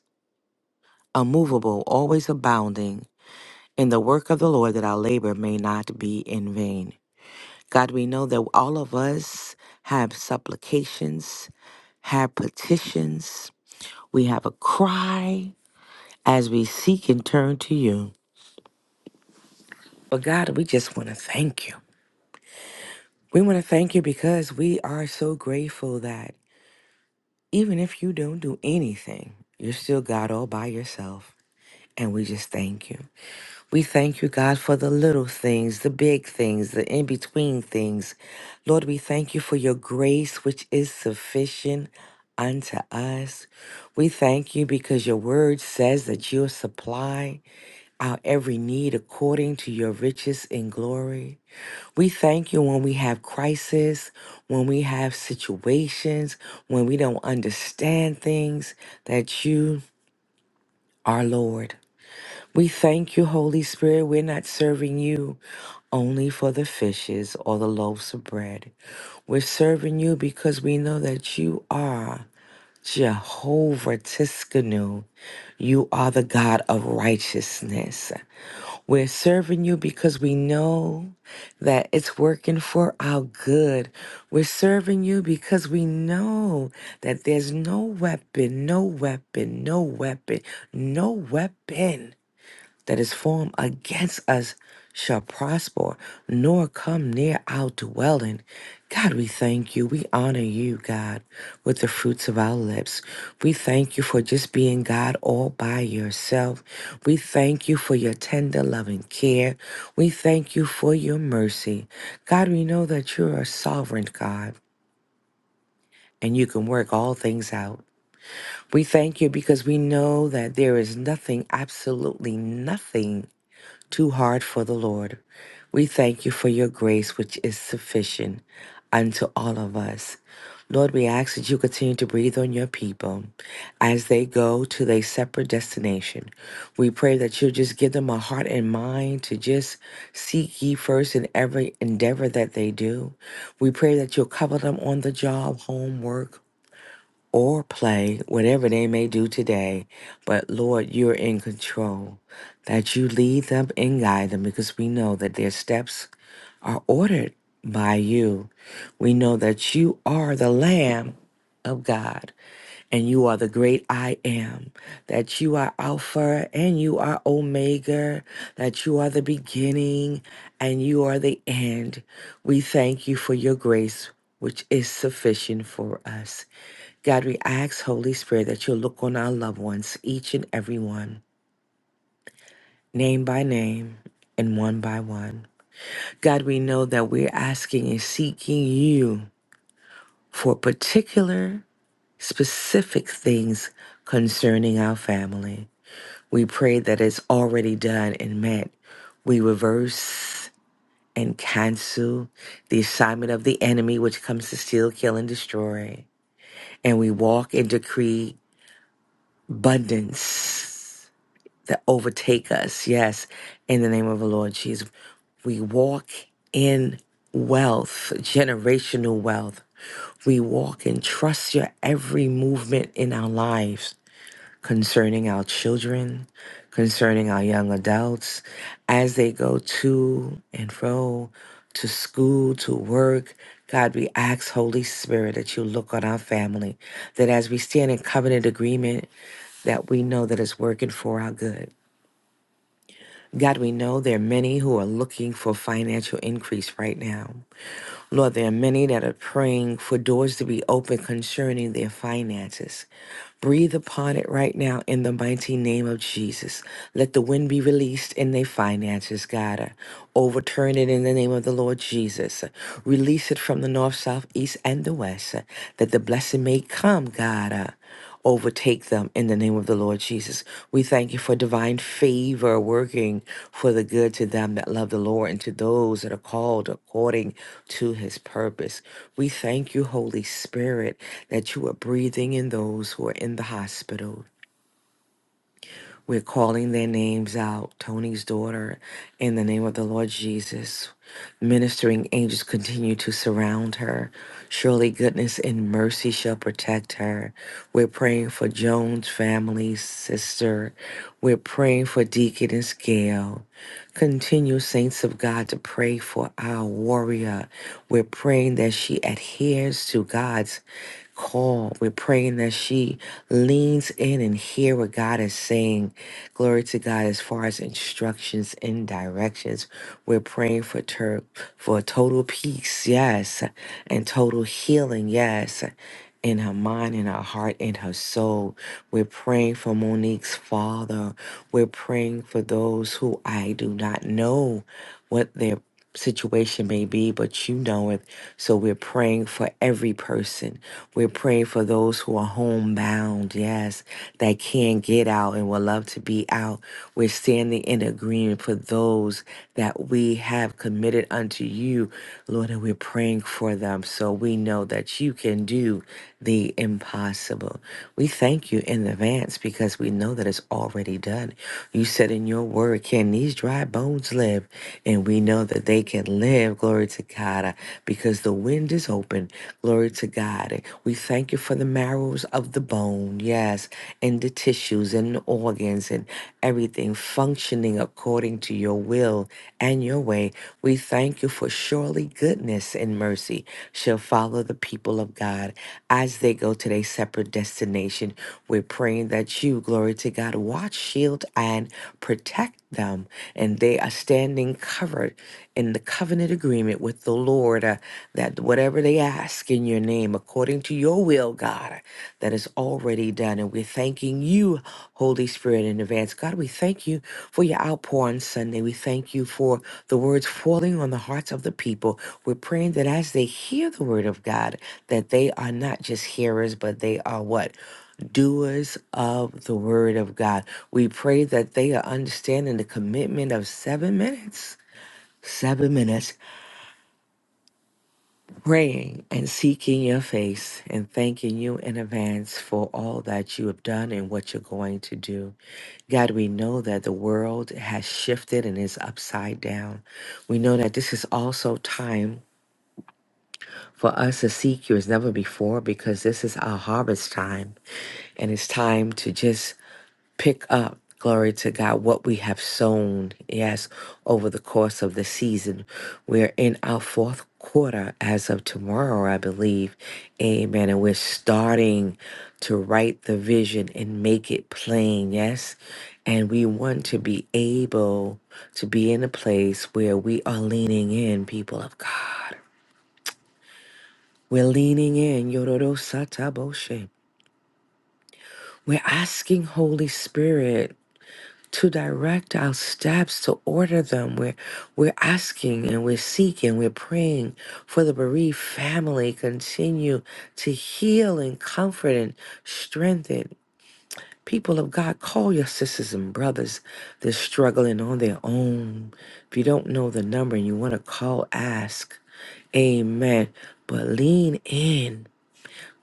Speaker 5: unmovable, always abounding in the work of the Lord, that our labor may not be in vain. God, we know that all of us have supplications have petitions. We have a cry as we seek and turn to you. But God, we just want to thank you. We want to thank you because we are so grateful that even if you don't do anything, you're still God all by yourself. And we just thank you. We thank you, God, for the little things, the big things, the in between things. Lord, we thank you for your grace, which is sufficient unto us. We thank you because your word says that you'll supply our every need according to your riches in glory. We thank you when we have crisis, when we have situations, when we don't understand things, that you are Lord. We thank you, Holy Spirit. We're not serving you only for the fishes or the loaves of bread. We're serving you because we know that you are Jehovah Tiskanu. You are the God of righteousness. We're serving you because we know that it's working for our good. We're serving you because we know that there's no weapon, no weapon, no weapon, no weapon that is formed against us shall prosper, nor come near our dwelling. God, we thank you. We honor you, God, with the fruits of our lips. We thank you for just being God all by yourself. We thank you for your tender loving care. We thank you for your mercy. God, we know that you are a sovereign God and you can work all things out. We thank you because we know that there is nothing, absolutely nothing too hard for the Lord. We thank you for your grace, which is sufficient unto all of us. Lord, we ask that you continue to breathe on your people as they go to their separate destination. We pray that you just give them a heart and mind to just seek ye first in every endeavor that they do. We pray that you'll cover them on the job, homework or play, whatever they may do today. But Lord, you're in control, that you lead them and guide them because we know that their steps are ordered by you. We know that you are the Lamb of God and you are the great I am, that you are Alpha and you are Omega, that you are the beginning and you are the end. We thank you for your grace, which is sufficient for us. God, we ask, Holy Spirit, that you'll look on our loved ones, each and every one, name by name and one by one. God, we know that we're asking and seeking you for particular, specific things concerning our family. We pray that it's already done and met. We reverse and cancel the assignment of the enemy, which comes to steal, kill, and destroy. And we walk and decree abundance that overtake us. Yes, in the name of the Lord Jesus, we walk in wealth, generational wealth. We walk and trust your every movement in our lives concerning our children, concerning our young adults as they go to and fro, to school, to work. God, we ask, Holy Spirit, that you look on our family, that as we stand in covenant agreement, that we know that it's working for our good. God, we know there are many who are looking for financial increase right now. Lord, there are many that are praying for doors to be open concerning their finances. Breathe upon it right now in the mighty name of Jesus. Let the wind be released in their finances, God. Overturn it in the name of the Lord Jesus. Release it from the north, south, east, and the west, that the blessing may come, God overtake them in the name of the Lord Jesus. We thank you for divine favor working for the good to them that love the Lord and to those that are called according to his purpose. We thank you, Holy Spirit, that you are breathing in those who are in the hospital. We're calling their names out, Tony's daughter, in the name of the Lord Jesus. Ministering angels continue to surround her. Surely goodness and mercy shall protect her. We're praying for Joan's family, sister. We're praying for Deaconess Gail. Continue, saints of God, to pray for our warrior. We're praying that she adheres to God's call. We're praying that she leans in and hear what God is saying. Glory to God as far as instructions and directions. We're praying for ter- for total peace, yes, and total healing, yes. In her mind, in her heart, in her soul. We're praying for Monique's father. We're praying for those who I do not know what they're situation may be, but you know it. So we're praying for every person. We're praying for those who are homebound, yes, that can't get out and would love to be out. We're standing in agreement for those that we have committed unto you, Lord, and we're praying for them. So we know that you can do the impossible. We thank you in advance because we know that it's already done. You said said in your word, can these dry bones live? And we know that they can live, glory to God, uh, because the wind is open, glory to God. And We thank you for the marrows of the bone, yes, and the tissues and the organs and everything functioning according to your will and your way. We thank you for surely goodness and mercy shall follow the people of God as they go to their separate destination. We're praying that you, glory to God, watch, shield, and protect them. And they are standing covered in the covenant agreement with the Lord uh, that whatever they ask in your name, according to your will, God, that is already done. And we're thanking you, Holy Spirit, in advance. God, we thank you for your outpour on Sunday. We thank you for the words falling on the hearts of the people. We're praying that as they hear the word of God, that they are not just hearers, but they are what? doers of the word of God. We pray that they are understanding the commitment of seven minutes. Seven minutes praying and seeking your face and thanking you in advance for all that you have done and what you're going to do. God, we know that the world has shifted and is upside down. We know that this is also time for us to seek you as never before because this is our harvest time and it's time to just pick up, glory to God, what we have sown, yes, over the course of the season. We're in our fourth quarter as of tomorrow, I believe. Amen. And we're starting to write the vision and make it plain, yes? And we want to be able to be in a place where we are leaning in, people of God. We're leaning in. Yororo Sataboshe. We're asking Holy Spirit to direct our steps, to order them. We're, we're asking and we're seeking, we're praying for the bereaved family. Continue to heal and comfort and strengthen. People of God, call your sisters and brothers. They're struggling on their own. If you don't know the number and you want to call, ask. Amen. But lean in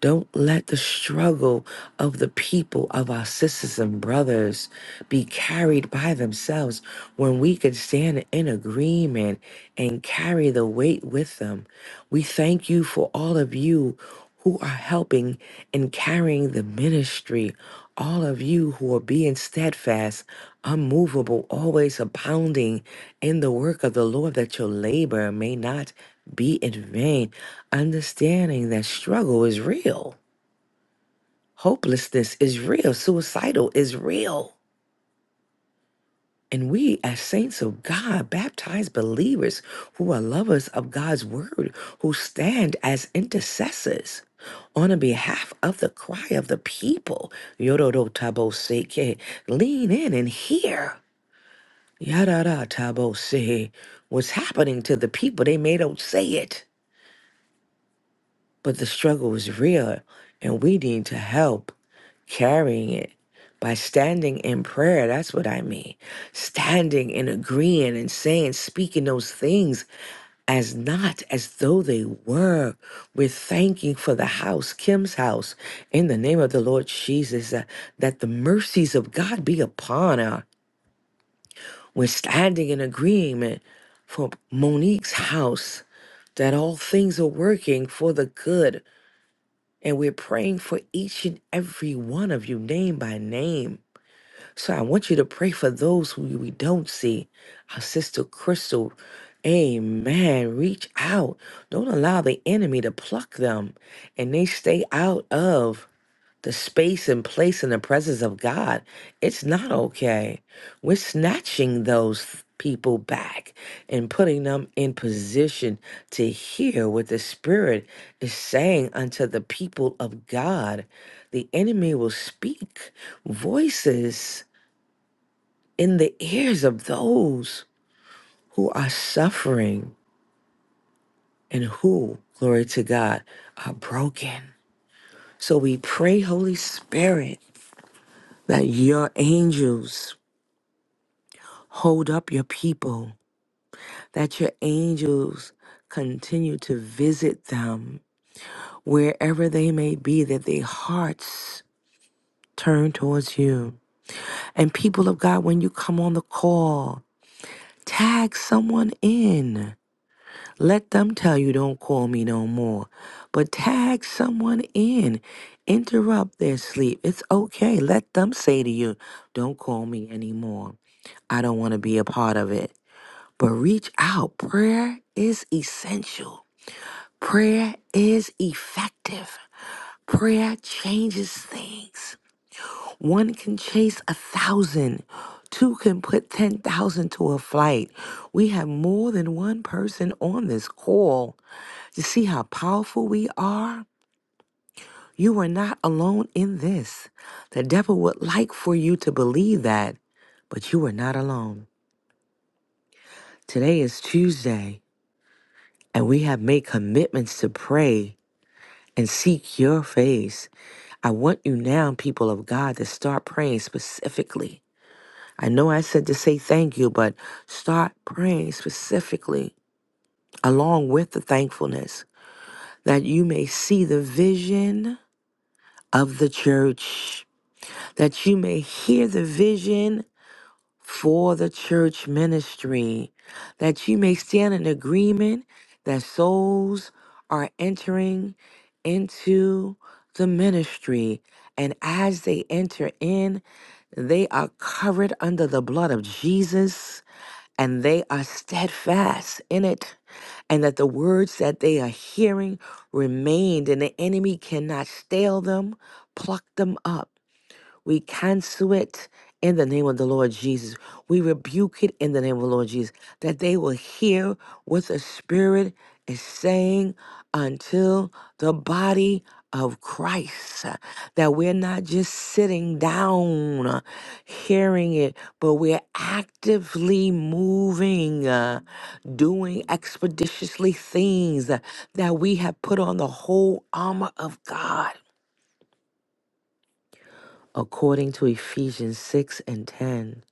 Speaker 5: don't let the struggle of the people, of our sisters and brothers, be carried by themselves when we can stand in agreement and carry the weight with them. We thank you for all of you who are helping and carrying the ministry, all of you who are being steadfast, unmovable, always abounding in the work of the Lord, that your labor may not be in vain understanding that struggle is real, hopelessness is real, suicidal is real. And we, as saints of God, baptized believers who are lovers of God's word, who stand as intercessors on the behalf of the cry of the people, Yororo Tabo Seke, lean in and hear. Yarara Tabo Se, what's happening to the people? They may don't say it, but the struggle is real, and we need to help. carrying it by standing in prayer. That's what I mean. Standing and agreeing and saying, speaking those things as not as though they were. We're thanking for the house, Kim's house, in the name of the Lord Jesus, uh, that the mercies of God be upon her. We're standing in agreement for Monique's house, that all things are working for the good. And we're praying for each and every one of you, name by name So I want you to pray for those who we don't see. Our sister Crystal, amen. Reach out. Don't allow the enemy to pluck them and they stay out of the space and place in the presence of God. It's not okay. We're snatching those people back and putting them in position to hear what the Spirit is saying unto the people of God. The enemy will speak voices in the ears of those who are suffering and who, glory to God, are broken. So we pray, Holy Spirit, that your angels hold up your people, that your angels continue to visit them wherever they may be, that their hearts turn towards you. And people of God, when you come on the call, tag someone in. Let them tell you don't call me no more. But tag someone in. Interrupt their sleep. It's okay. Let them say to you, don't call me anymore. I don't want to be a part of it. But reach out. Prayer is essential. Prayer is effective. Prayer changes things. One can chase a thousand. Two can put 10,000 to a flight. We have more than one person on this call you see how powerful we are? You are not alone in this. The devil would like for you to believe that, but you are not alone. Today is Tuesday, and we have made commitments to pray and seek your face. I want you now, people of God, to start praying specifically. I know I said to say thank you, but start praying specifically along with the thankfulness that you may see the vision of the church. that you may hear the vision for the church ministry, that you may stand in agreement that souls are entering into the ministry. And as they enter in, they are covered under the blood of Jesus and they are steadfast in it. And that the words that they are hearing remained, and the enemy cannot stale them, pluck them up. We cancel it in the name of the Lord Jesus. We rebuke it in the name of the Lord Jesus that they will hear what the Spirit is saying until the body of Christ. uh, That we're not just sitting down uh, hearing it, but we're actively moving, uh, doing expeditiously things uh, that we have put on the whole armor of God according to Ephesians 6 and 10.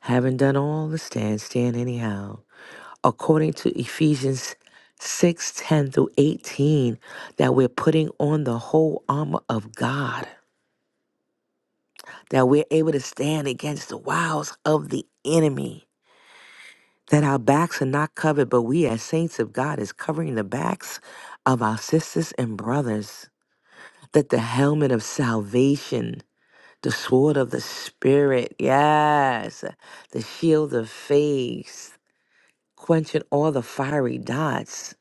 Speaker 5: Having done all the stand, stand anyhow. According to Ephesians 6 10 through 18, that we're putting on the whole armor of God, that we're able to stand against the wiles of the enemy, that our backs are not covered, but we as saints of God is covering the backs of our sisters and brothers, that the helmet of salvation The sword of the spirit, yes. The shield of faith, quenching all the fiery dots.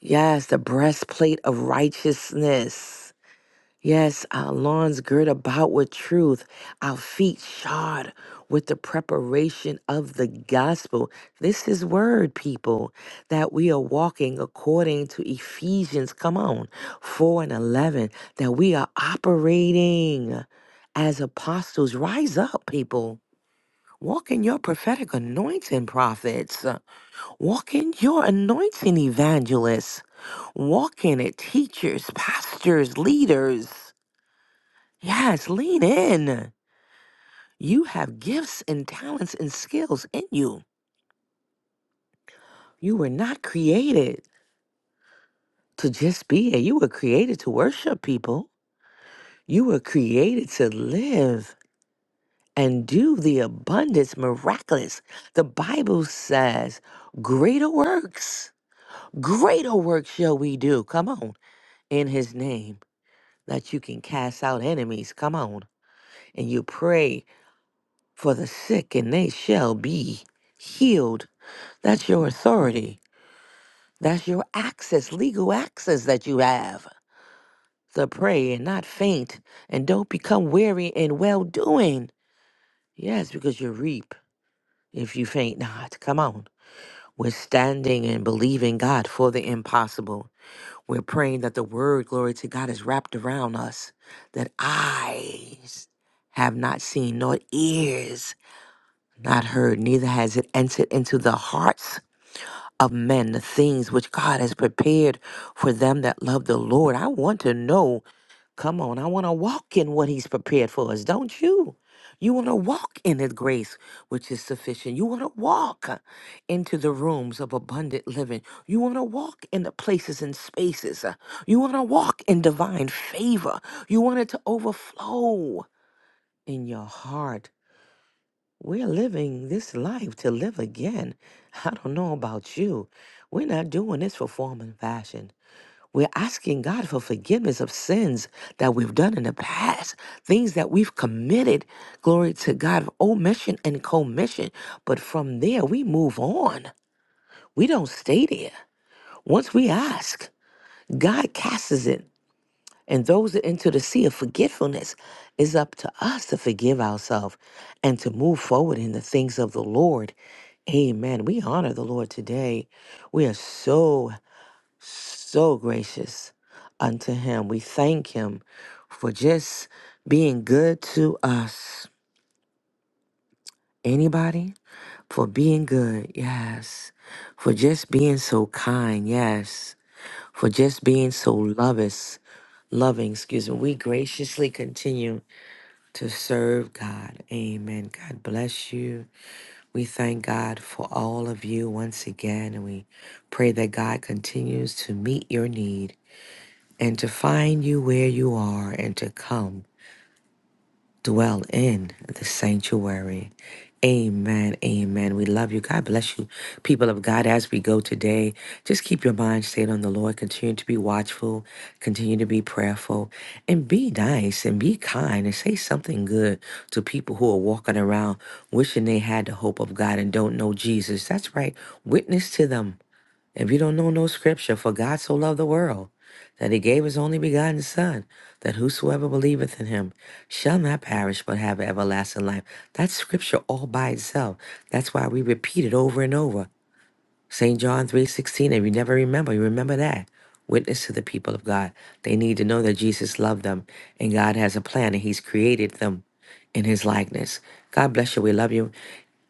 Speaker 5: Yes, the breastplate of righteousness. Yes, our loins girt about with truth, our feet shod with the preparation of the gospel. This is word, people, that we are walking according to Ephesians, come on, 4 and 11, that we are operating as apostles. Rise up, people. Walk in your prophetic anointing, prophets. Walk in your anointing, evangelists. Walk in it, teachers, pastors, leaders Yes, lean in. You have gifts and talents and skills in you. You were not created to just be here. You were created to worship people. You were created to live and do the abundance miraculous. The Bible says, greater works, greater works shall we do. Come on, in his name, that you can cast out enemies. Come on, and you pray for the sick, and they shall be healed That's your authority. That's your access, legal access that you have to pray and not faint and don't become weary in well doing. Yes, because you reap if you faint not. Come on. We're standing and believing God for the impossible. We're praying that the word, glory to God, is wrapped around us, that eyes have not seen, nor ears not heard, neither has it entered into the hearts of men the things which God has prepared for them that love the Lord. I want to know. Come on, I want to walk in what He's prepared for us, don't you? You want to walk in His grace, which is sufficient. You want to walk into the rooms of abundant living. You want to walk in the places and spaces. You want to walk in divine favor. You want it to overflow in your heart. We're living this life to live again. *laughs* I don't know about you. We're not doing this for form and fashion. We're asking God for forgiveness of sins that we've done in the past, things that we've committed. Glory to God, omission and commission. But from there, we move on. We don't stay there. Once we ask, God casts it. And those that into the sea of forgetfulness is up to us to forgive ourselves and to move forward in the things of the Lord. Amen. We honor the Lord today. We are so, so gracious unto Him. We thank Him for just being good to us. Anybody? For being good, yes. For just being so kind, yes for just being so lovous, loving, excuse me. We graciously continue to serve God. Amen. God bless you. We thank God for all of you once again, and we pray that God continues to meet your need and to find you where you are and to come dwell in the sanctuary. Amen. Amen. We love you. God bless you, people of God, as we go today. Just keep your mind stayed on the Lord. Continue to be watchful. Continue to be prayerful. And be nice and be kind and say something good to people who are walking around wishing they had the hope of God and don't know Jesus. That's right. Witness to them. If you don't know no scripture, for God so loved the world that he gave his only begotten Son, that whosoever believeth in him shall not perish but have everlasting life. That's scripture all by itself. That's why we repeat it over and over. St. John 3.16, if you never remember, you remember that. Witness to the people of God. They need to know that Jesus loved them and God has a plan and he's created them in his likeness. God bless you. We love you.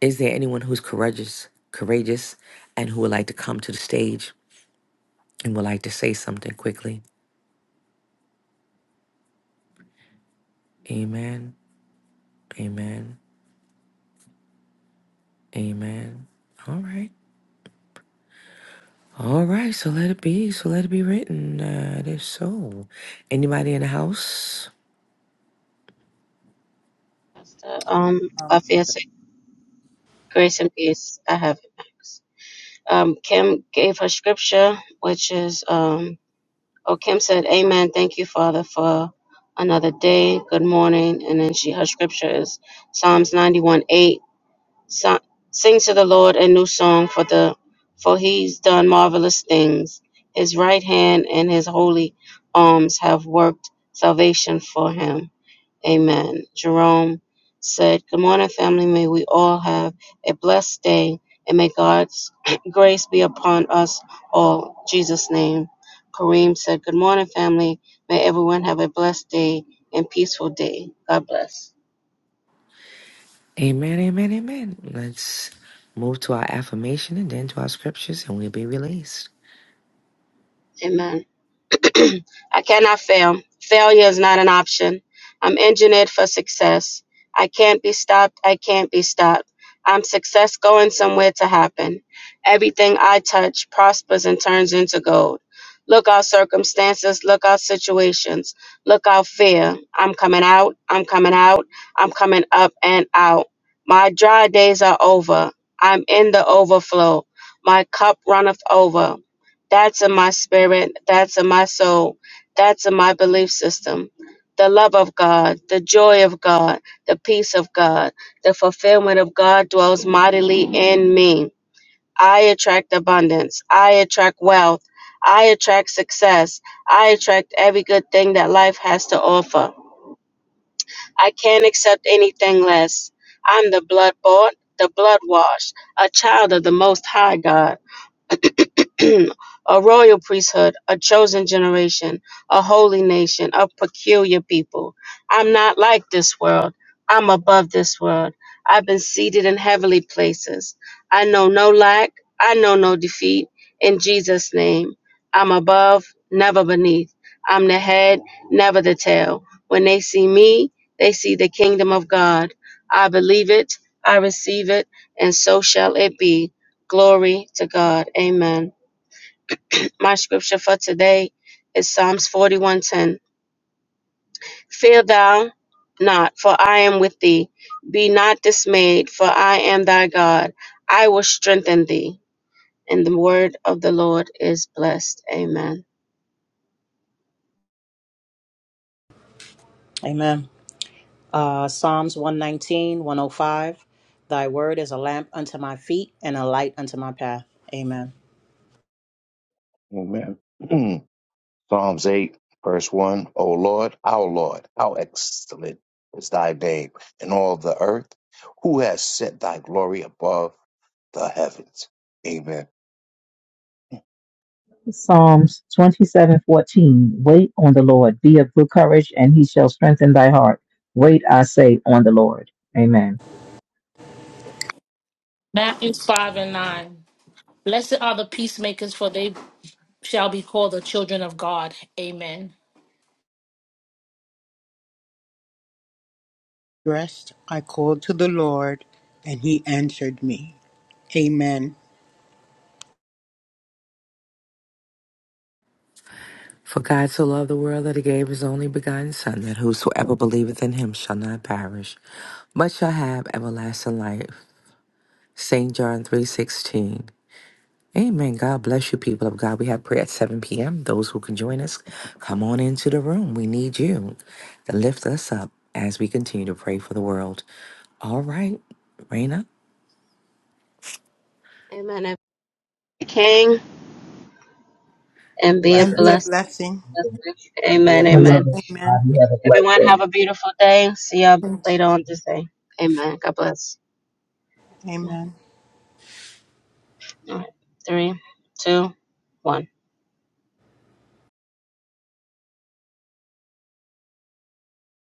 Speaker 5: Is there anyone who's courageous, courageous, and who would like to come to the stage? and would like to say something quickly. Amen. Amen. Amen. All right. All right. So let it be. So let it be written. Uh, it is so. Anybody in the house?
Speaker 1: Um,
Speaker 3: Um,
Speaker 1: I feel sick. Grace and peace. I have it. Max. Um, Kim gave her scripture, which is, um, oh, Kim said, Amen. Thank you, Father, for another day. Good morning. And then she, her scripture is Psalms 91 8. So, Sing to the Lord a new song for the, for he's done marvelous things. His right hand and his holy arms have worked salvation for him. Amen. Jerome said, Good morning, family. May we all have a blessed day and may God's *clears throat* grace be upon us all. In Jesus' name. Kareem said, Good morning, family. May everyone have a blessed day and peaceful day. God bless.
Speaker 5: Amen. Amen. Amen. Let's move to our affirmation and then to our scriptures, and we'll be released.
Speaker 1: Amen. *clears throat* I cannot fail. Failure is not an option. I'm engineered for success. I can't be stopped. I can't be stopped. I'm success going somewhere to happen. Everything I touch prospers and turns into gold. Look out circumstances, look out situations, look out fear. I'm coming out, I'm coming out, I'm coming up and out. My dry days are over. I'm in the overflow. My cup runneth over. That's in my spirit. That's in my soul. That's in my belief system. The love of God, the joy of God, the peace of God, the fulfillment of God dwells mightily in me. I attract abundance. I attract wealth. I attract success. I attract every good thing that life has to offer. I can't accept anything less. I'm the blood bought, the blood washed, a child of the Most High God. *clears throat* a royal priesthood, a chosen generation, a holy nation, a peculiar people. I'm not like this world. I'm above this world. I've been seated in heavenly places. I know no lack. I know no defeat. In Jesus' name, I'm above, never beneath. I'm the head, never the tail. When they see me, they see the kingdom of God. I believe it, I receive it, and so shall it be. Glory to God. Amen. My scripture for today is Psalms 41:10. Fear thou not, for I am with thee. Be not dismayed, for I am thy God. I will strengthen thee. And the word of the Lord is blessed. Amen.
Speaker 3: Amen. Uh, Psalms one nineteen one o five, Thy word is a lamp unto my feet and a light unto my path. Amen.
Speaker 2: Amen. *clears throat* Psalms 8, verse 1 O Lord, our Lord, how excellent is thy name in all the earth. Who has set thy glory above the heavens? Amen.
Speaker 4: Psalms twenty-seven fourteen. Wait on the Lord. Be of good courage, and he shall strengthen thy heart. Wait, I say, on the Lord. Amen.
Speaker 6: Matthew 5 and 9. Blessed are the peacemakers, for they shall be called the children of God. Amen.
Speaker 7: Dressed, I called to the Lord, and He answered me. Amen.
Speaker 5: For God so loved the world that he gave his only begotten Son, that whosoever believeth in him shall not perish, but shall have everlasting life. St. John three sixteen. Amen. God bless you, people of God. We have prayer at 7 p.m. Those who can join us, come on into the room. We need you to lift us up as we continue to pray for the world. All right, Raina.
Speaker 1: Amen. And be King and be a
Speaker 7: And
Speaker 4: Blessing.
Speaker 7: be a
Speaker 1: blessed.
Speaker 7: blessing.
Speaker 4: I
Speaker 3: And be a
Speaker 1: Amen. Amen.
Speaker 4: love
Speaker 3: blessing.
Speaker 7: Amen.
Speaker 4: everybody. Have a blessed
Speaker 1: Everyone
Speaker 4: day.
Speaker 1: have a beautiful day. See y'all later on this day. Amen. God bless. Amen.
Speaker 7: Amen.
Speaker 1: All right. Three, two, one.